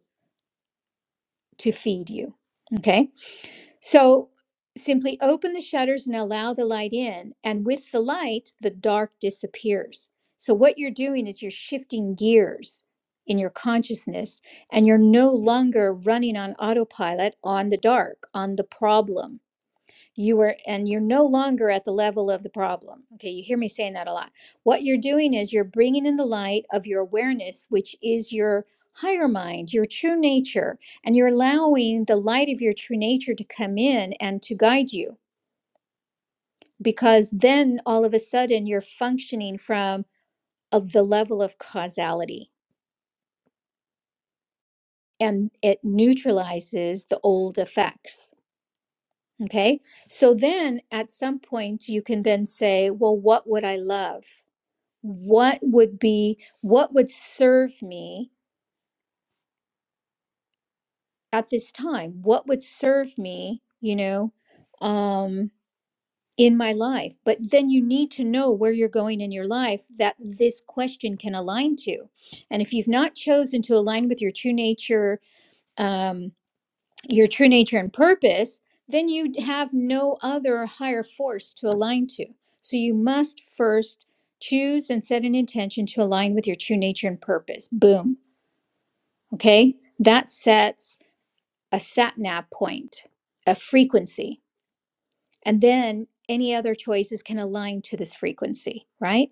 Speaker 1: to feed you. Okay. So simply open the shutters and allow the light in. And with the light, the dark disappears. So what you're doing is you're shifting gears in your consciousness and you're no longer running on autopilot on the dark, on the problem you were and you're no longer at the level of the problem okay you hear me saying that a lot what you're doing is you're bringing in the light of your awareness which is your higher mind your true nature and you're allowing the light of your true nature to come in and to guide you because then all of a sudden you're functioning from of the level of causality and it neutralizes the old effects okay so then at some point you can then say well what would i love what would be what would serve me at this time what would serve me you know um in my life but then you need to know where you're going in your life that this question can align to and if you've not chosen to align with your true nature um your true nature and purpose then you have no other higher force to align to so you must first choose and set an intention to align with your true nature and purpose boom Okay. That sets a sat nav point, a frequency. And then any other choices can align to this frequency, right?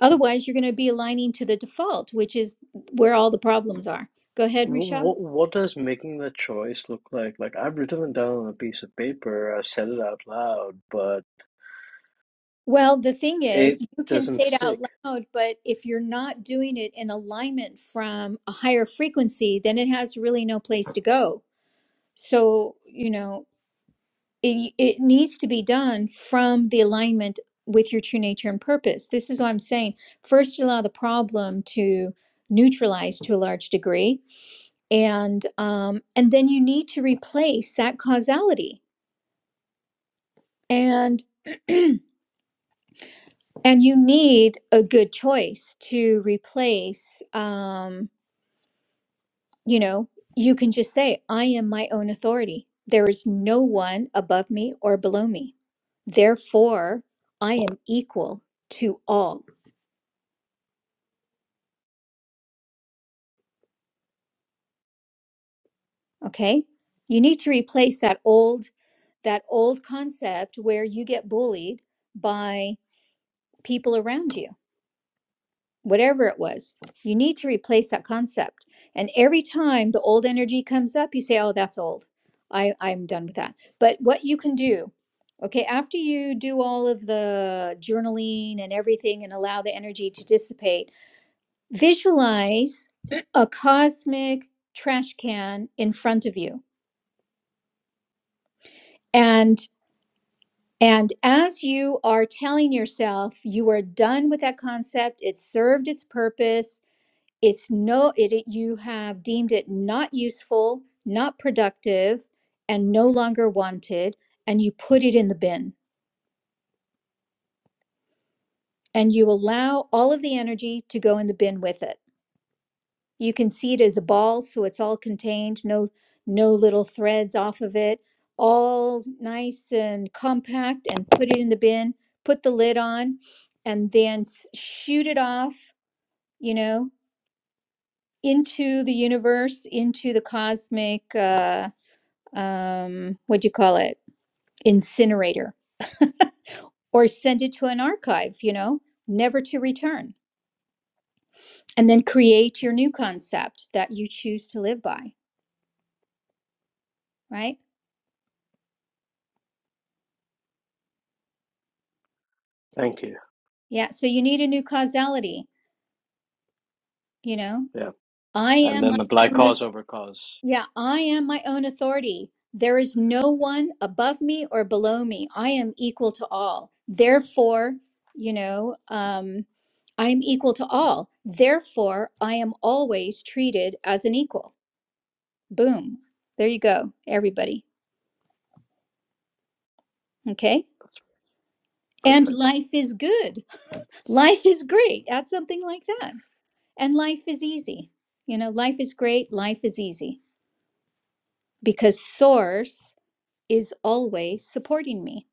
Speaker 1: Otherwise, you're going to be aligning to the default, which is where all the problems are. Go ahead, Rishab.
Speaker 5: What what does making the choice look like? Like I've written it down on a piece of paper, I've said it out loud, but
Speaker 1: Well, the thing
Speaker 5: it
Speaker 1: is, you can
Speaker 5: doesn't
Speaker 1: say it out
Speaker 5: stick.
Speaker 1: loud, but if you're not doing it in alignment from a higher frequency, then it has really no place to go. So, you know, it, it needs to be done from the alignment with your true nature and purpose. This is what I'm saying. First, you allow the problem to neutralize to a large degree, and um, and then you need to replace that causality, and and you need a good choice to replace. Um, you know, you can just say, "I am my own authority. There is no one above me or below me. Therefore, I am equal to all." okay you need to replace that old that old concept where you get bullied by people around you whatever it was you need to replace that concept and every time the old energy comes up you say oh that's old i i'm done with that but what you can do okay after you do all of the journaling and everything and allow the energy to dissipate visualize a cosmic trash can in front of you and And as you are telling yourself you are done with that concept, it served its purpose, it's no it, it- you have deemed it not useful, not productive, and no longer wanted, and you put it in the bin and you allow all of the energy to go in the bin with it You can see it as a ball, so it's all contained, no no little threads off of it, all nice and compact and put it in the bin, put the lid on and then s- shoot it off, you know, into the universe, into the cosmic uh um what do you call it? incinerator or send it to an archive, you know, never to return. And then create your new concept that you choose to live by, right?
Speaker 5: Thank you.
Speaker 1: Yeah, so you need a new causality you know
Speaker 5: Yeah.
Speaker 1: i
Speaker 5: And
Speaker 1: am
Speaker 5: then
Speaker 1: my
Speaker 5: the black
Speaker 1: own
Speaker 5: cause
Speaker 1: auth-
Speaker 5: over cause.
Speaker 1: yeah i am my own authority there is no one above me or below me i am equal to all therefore you know um i am equal to all therefore i am always treated as an equal boom there you go everybody okay
Speaker 5: That's
Speaker 1: and
Speaker 5: perfect.
Speaker 1: life is good life is great add something like that and life is easy you know life is great life is easy because source is always supporting me.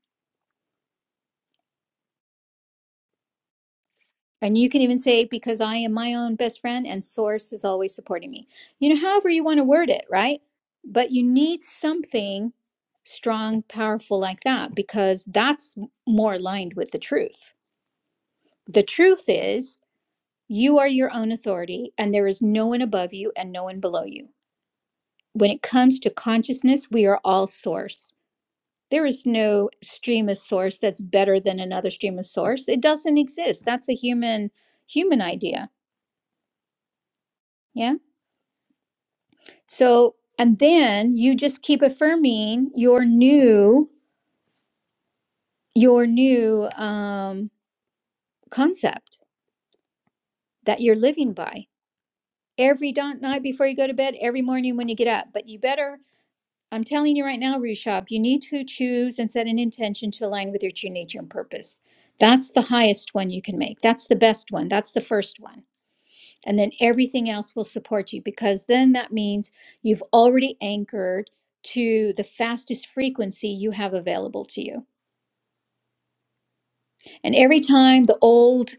Speaker 1: And you can even say, because I am my own best friend and source is always supporting me. You know, however you want to word it, right? But you need something strong, powerful like that, because that's more aligned with the truth. The truth is, you are your own authority, and there is no one above you and no one below you. When it comes to consciousness, we are all source. There is no stream of source that's better than another stream of source. It doesn't exist. That's a human human idea. Yeah. So and then you just keep affirming your new your new um, concept that you're living by every dawn night before you go to bed, every morning when you get up. But you better, I'm telling you right now, Rushab, you need to choose and set an intention to align with your true nature and purpose. That's the highest one you can make. That's the best one. That's the first one and then everything else will support you because then that means you've already anchored to the fastest frequency you have available to you. And every time the old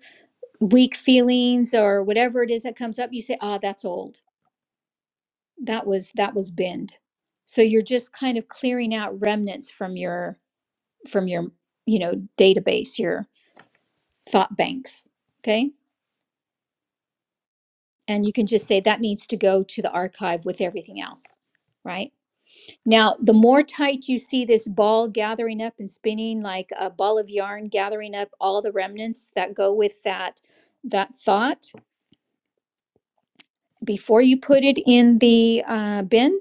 Speaker 1: weak feelings or whatever it is that comes up, you say, "Ah, that's old. That was that was bend." So you're just kind of clearing out remnants from your from your, you know, database, your thought banks, okay? And you can just say that needs to go to the archive with everything else, right? Now, the more tight you see this ball gathering up and spinning like a ball of yarn gathering up all the remnants that go with that that thought before you put it in the uh, bin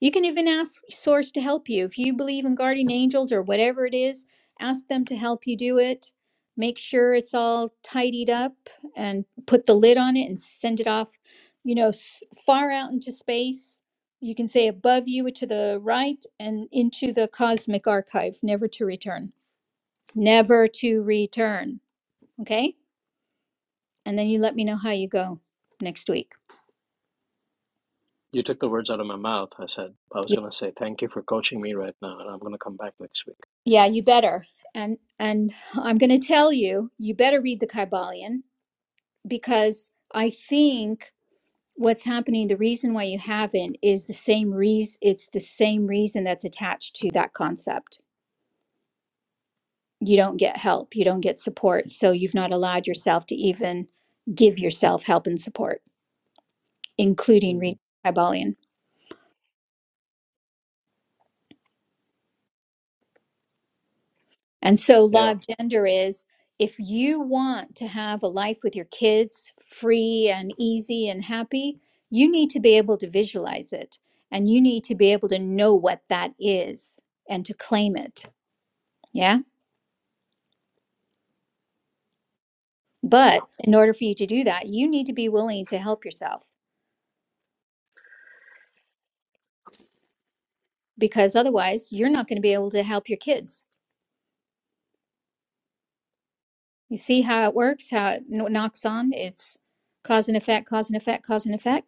Speaker 1: you can even ask Source to help you. If you believe in guardian angels or whatever it is, ask them to help you do it. Make sure it's all tidied up and put the lid on it and send it off, you know, s- far out into space. You can say above you to the right and into the cosmic archive, never to return. Never to return. Okay. And then you let me know how you go next week.
Speaker 5: You took the words out of my mouth. I said I was
Speaker 1: Yeah,
Speaker 5: gonna say thank you for coaching me right now, and I'm gonna come back next week.
Speaker 1: yeah you better. And and I'm going to tell you, you better read the Kybalion because I think what's happening, the reason why you haven't is the same reason, it's the same reason that's attached to that concept. You don't get help, you don't get support. So you've not allowed yourself to even give yourself help and support, including reading
Speaker 5: Mm.
Speaker 1: Kybalion. And so, law
Speaker 5: Yeah,
Speaker 1: of gender is if you want to have a life with your kids free and easy and happy, you need to be able to visualize it and you need to be able to know what that is and to claim it. Yeah.
Speaker 5: yeah.
Speaker 1: But in order for you to do that, you need to be willing to help yourself because otherwise you're not going to be able to help your kids. You see how it works, how it kn- knocks on? It's cause and effect, cause and effect, cause and effect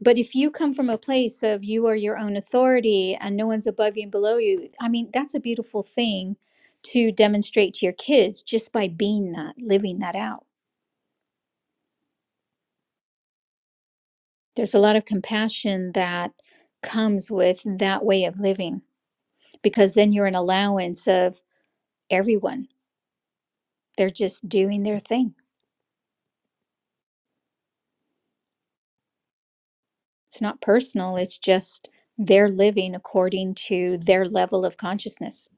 Speaker 1: But if you come from a place of you are your own authority and no one's above you and below you, I mean, that's a beautiful thing to demonstrate to your kids just by being that, living that out. There's a lot of compassion that comes with that way of living because then you're an allowance of everyone. They're just doing their thing. It's not personal, it's just they're living according to their level of consciousness.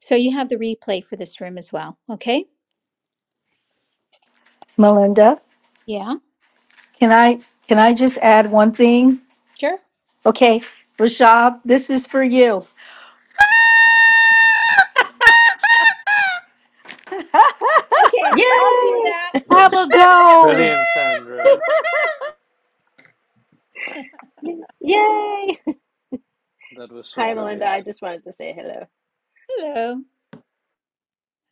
Speaker 1: So you have the replay for this room as well. Okay.
Speaker 3: Melinda,
Speaker 1: Yeah.
Speaker 3: can I can I just add one thing?
Speaker 1: Sure.
Speaker 3: Okay, Rashab, this is for you.
Speaker 1: Okay,
Speaker 6: Yay!
Speaker 1: I'll do that.
Speaker 5: That
Speaker 3: Have a
Speaker 5: was
Speaker 3: go.
Speaker 5: brilliant, Sandra.
Speaker 6: Yay!
Speaker 5: That was so
Speaker 6: Hi, Melinda.
Speaker 5: brilliant.
Speaker 6: I just wanted to say hello.
Speaker 1: Hello.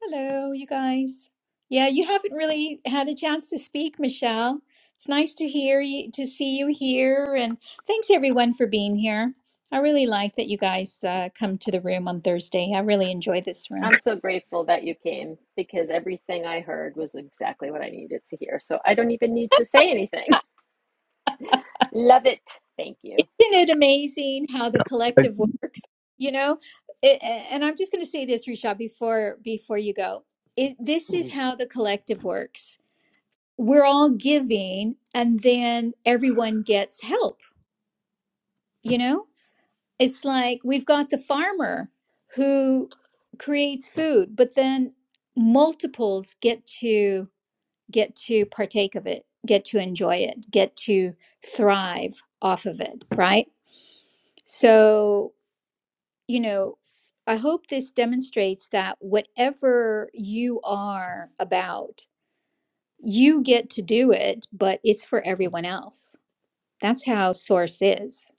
Speaker 1: Hello, you guys. Yeah, you haven't really had a chance to speak, Michelle. It's nice to hear you, to see you here. And thanks everyone for being here. I really like that you guys uh, come to the room on Thursday. I really enjoy this room.
Speaker 6: I'm so grateful that you came because everything I heard was exactly what I needed to hear. So I don't even need to say anything. Love it. Thank you.
Speaker 1: Isn't it amazing how the
Speaker 2: Yeah. I-
Speaker 1: collective works? You know, it, and I'm just going to say this, Risha, before before you go. It, this is
Speaker 5: Mm.
Speaker 1: how the collective works we're all giving and then everyone gets help you know it's like we've got the farmer who creates food but then multiples get to get to partake of it get to enjoy it get to thrive off of it right so you know i hope this demonstrates that whatever you are about you get to do it but it's for everyone else That's how source is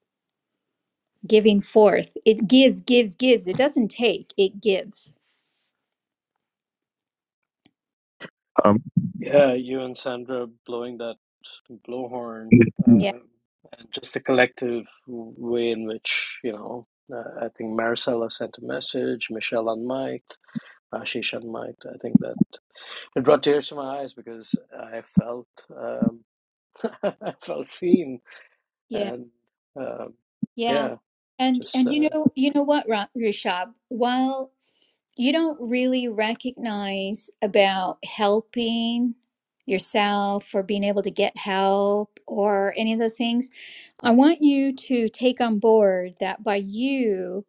Speaker 1: giving forth. It gives, gives, gives. It doesn't take. It gives.
Speaker 2: Um,
Speaker 5: Yeah, you and Sandra blowing that blowhorn,
Speaker 1: Yeah,
Speaker 5: uh, and just the collective way in which, you know, uh, I think Maricela sent a message, Michelle unmiked, Ashish unmiked. I think that it brought tears to my eyes because I felt, um, I felt seen.
Speaker 1: yeah,
Speaker 5: And um,
Speaker 1: yeah.
Speaker 5: yeah,
Speaker 1: And
Speaker 5: just,
Speaker 1: and
Speaker 5: uh,
Speaker 1: you know you know what, Ra- Rishab? While you don't really recognize about helping yourself or being able to get help or any of those things, I want you to take on board that by you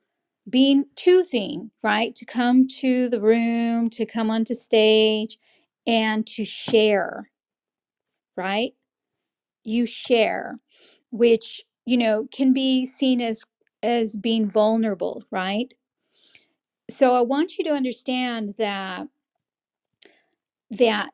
Speaker 1: being choosing right to come to the room to come onto stage and to share right you share which you know can be seen as as being vulnerable right so i want you to understand that that.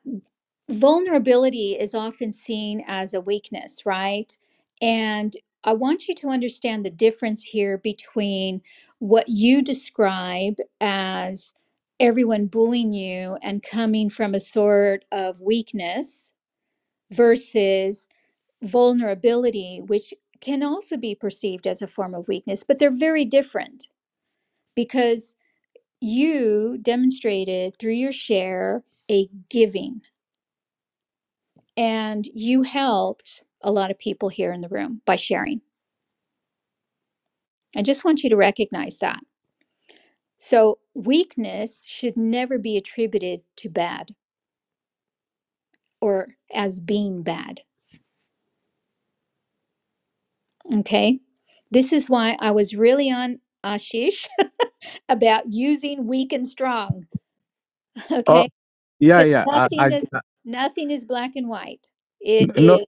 Speaker 1: vulnerability is often seen as a weakness, right? And I want you to understand the difference here between what you describe as everyone bullying you and coming from a sort of weakness versus vulnerability, which can also be perceived as a form of weakness, but they're very different because you demonstrated through your share a giving And you helped a lot of people here in the room by sharing. I just want you to recognize that. So, weakness should never be attributed to bad or as being bad. Okay. This is why I was really on Ashish about using weak and strong.
Speaker 2: oh
Speaker 1: Okay.
Speaker 2: yeah
Speaker 1: Because
Speaker 2: yeah. I, I
Speaker 1: nothing is,
Speaker 2: uh,
Speaker 1: nothing is black and white. It
Speaker 2: no
Speaker 1: is,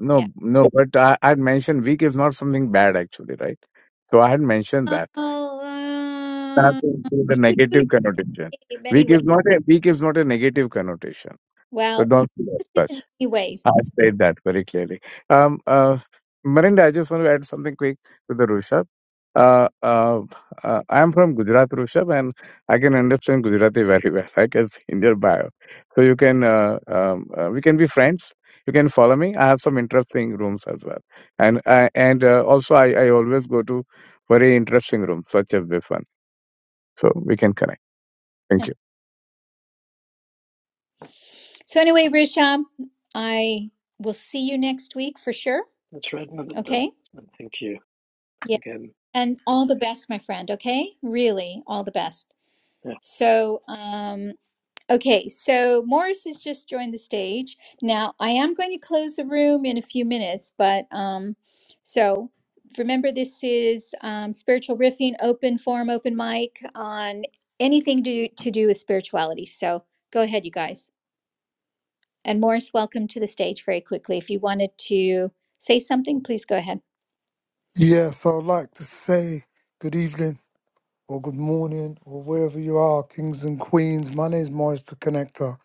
Speaker 2: no
Speaker 1: yeah.
Speaker 2: no. But I I had mentioned week is not something bad actually, right? So I had mentioned that.
Speaker 1: Oh, uh,
Speaker 2: nothing with a
Speaker 1: you used
Speaker 2: negative connotation.
Speaker 1: it in many
Speaker 2: Weak
Speaker 1: ways.
Speaker 2: is not a weak is not a negative connotation. So
Speaker 1: Well, you
Speaker 2: don't feel as
Speaker 1: used it in
Speaker 2: such.
Speaker 1: many
Speaker 2: I
Speaker 1: ways.
Speaker 2: said that very clearly. Um, uh, Marinda, I just want to add something quick to the Rushabh. Uh, uh, uh, I am from Gujarat, Rushabh, and I can understand Gujarati very well. I can see in your bio, so you can uh, um, uh, we can be friends. You can follow me. I have some interesting rooms as well, and I and uh, also I, I always go to very interesting rooms such as this one, so we can connect. Thank you.
Speaker 1: So anyway, Rishab, I will see you next week for sure.
Speaker 5: it's Redmond. And, uh,
Speaker 1: Okay.
Speaker 5: and thank you
Speaker 1: Yeah.
Speaker 5: again.
Speaker 1: And all the best, my friend. Okay. Really, all the best.
Speaker 5: Yeah.
Speaker 1: So, um, okay. So Morris has just joined the stage. Now I am going to close the room in a few minutes, but um, so remember this is um, spiritual riffing, open forum, open mic on anything to do, to do with spirituality. So go ahead, you guys. And Morris, welcome to the stage very quickly. If you wanted to say something, please go ahead.
Speaker 7: Yes, I'd like to say good evening or good morning or wherever you are, kings and queens. My name is Morris the Connector.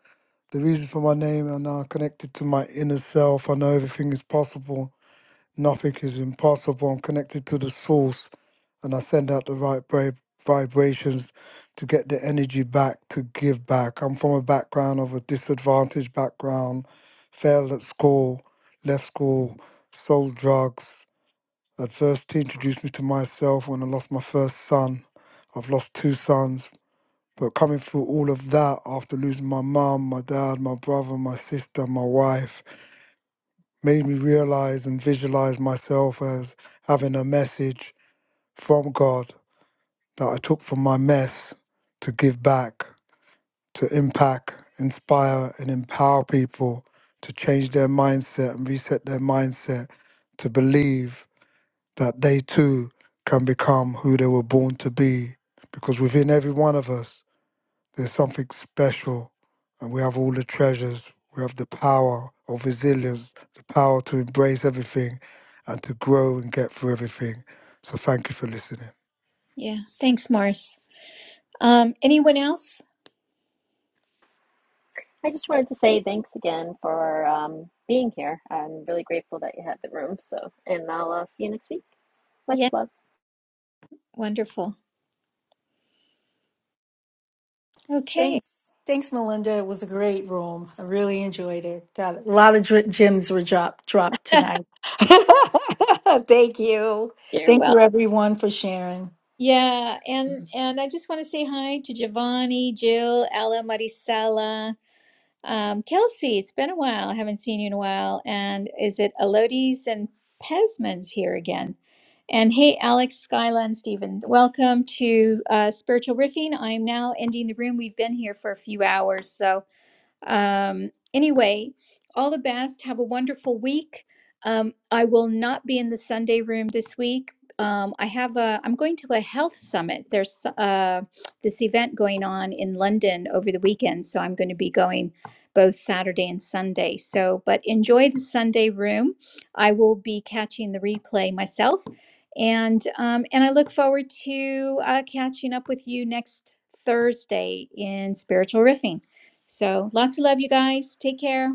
Speaker 7: The reason for my name and I'm connected to my inner self. I know everything is possible, nothing is impossible. I'm connected to the source and I send out the right brave vibrations to get the energy back, to give back. I'm from a background of a disadvantaged background, failed at school, left school, sold drugs I'd first to introduce me to myself when I lost my first son. I've lost two sons, but coming through all of that after losing my mum, my dad, my brother, my sister, my wife, made me realize and visualize myself as having a message from God that I took from my mess to give back, to impact, inspire, and empower people to change their mindset and reset their mindset to believe that they too can become who they were born to be. Because within every one of us, there's something special, and we have all the treasures. We have the power of resilience, the power to embrace everything and to grow and get through everything. So, thank you for listening.
Speaker 1: Yeah, thanks, Morris. Um, anyone else?
Speaker 6: I just wanted to say thanks again for um, being here. I'm really grateful that you had the room. So, and I'll uh, see you next week. Much
Speaker 1: Yeah,
Speaker 6: love.
Speaker 1: wonderful. Okay,
Speaker 3: Thanks, thanks, Melinda. It was a great room. I really enjoyed it. Got a lot of dr- gems were dropped dropped tonight. Thank you.
Speaker 1: you're
Speaker 3: Thank you,
Speaker 1: welcome.
Speaker 3: everyone, for sharing.
Speaker 1: Yeah, and and I just want to say hi to Giovanni, Jill, Ella, Marisela. Um, Kelsey, it's been a while. I haven't seen you in a while. And is it Elodie's and Pesman's here again? And hey, Alex, Skyla, and Stephen, welcome to uh, Spiritual Riffing. I'm now ending the room. We've been here for a few hours, so um, anyway, all the best. Have a wonderful week. Um, I will not be in the Sunday room this week. Um, I have a. I'm going to a health summit. There's uh, this event going on in London over the weekend, so I'm going to be going both Saturday and Sunday. So, but enjoy the Sunday room. I will be catching the replay myself, and um, and I look forward to uh, catching up with you next Thursday in spiritual riffing. So lots of love, you guys. Take care.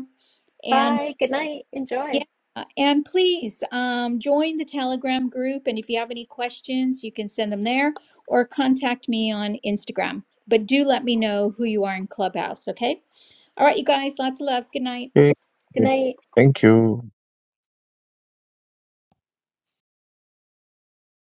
Speaker 1: And
Speaker 6: Bye. Good night.
Speaker 1: yeah,
Speaker 6: Enjoy.
Speaker 1: uh, and please um, join the Telegram group. And if you have any questions, you can send them there or contact me on Instagram. But do let me know who you are in Clubhouse, okay? All right, you guys, lots of love. Good night.
Speaker 2: Okay.
Speaker 6: Good night.
Speaker 2: Thank you.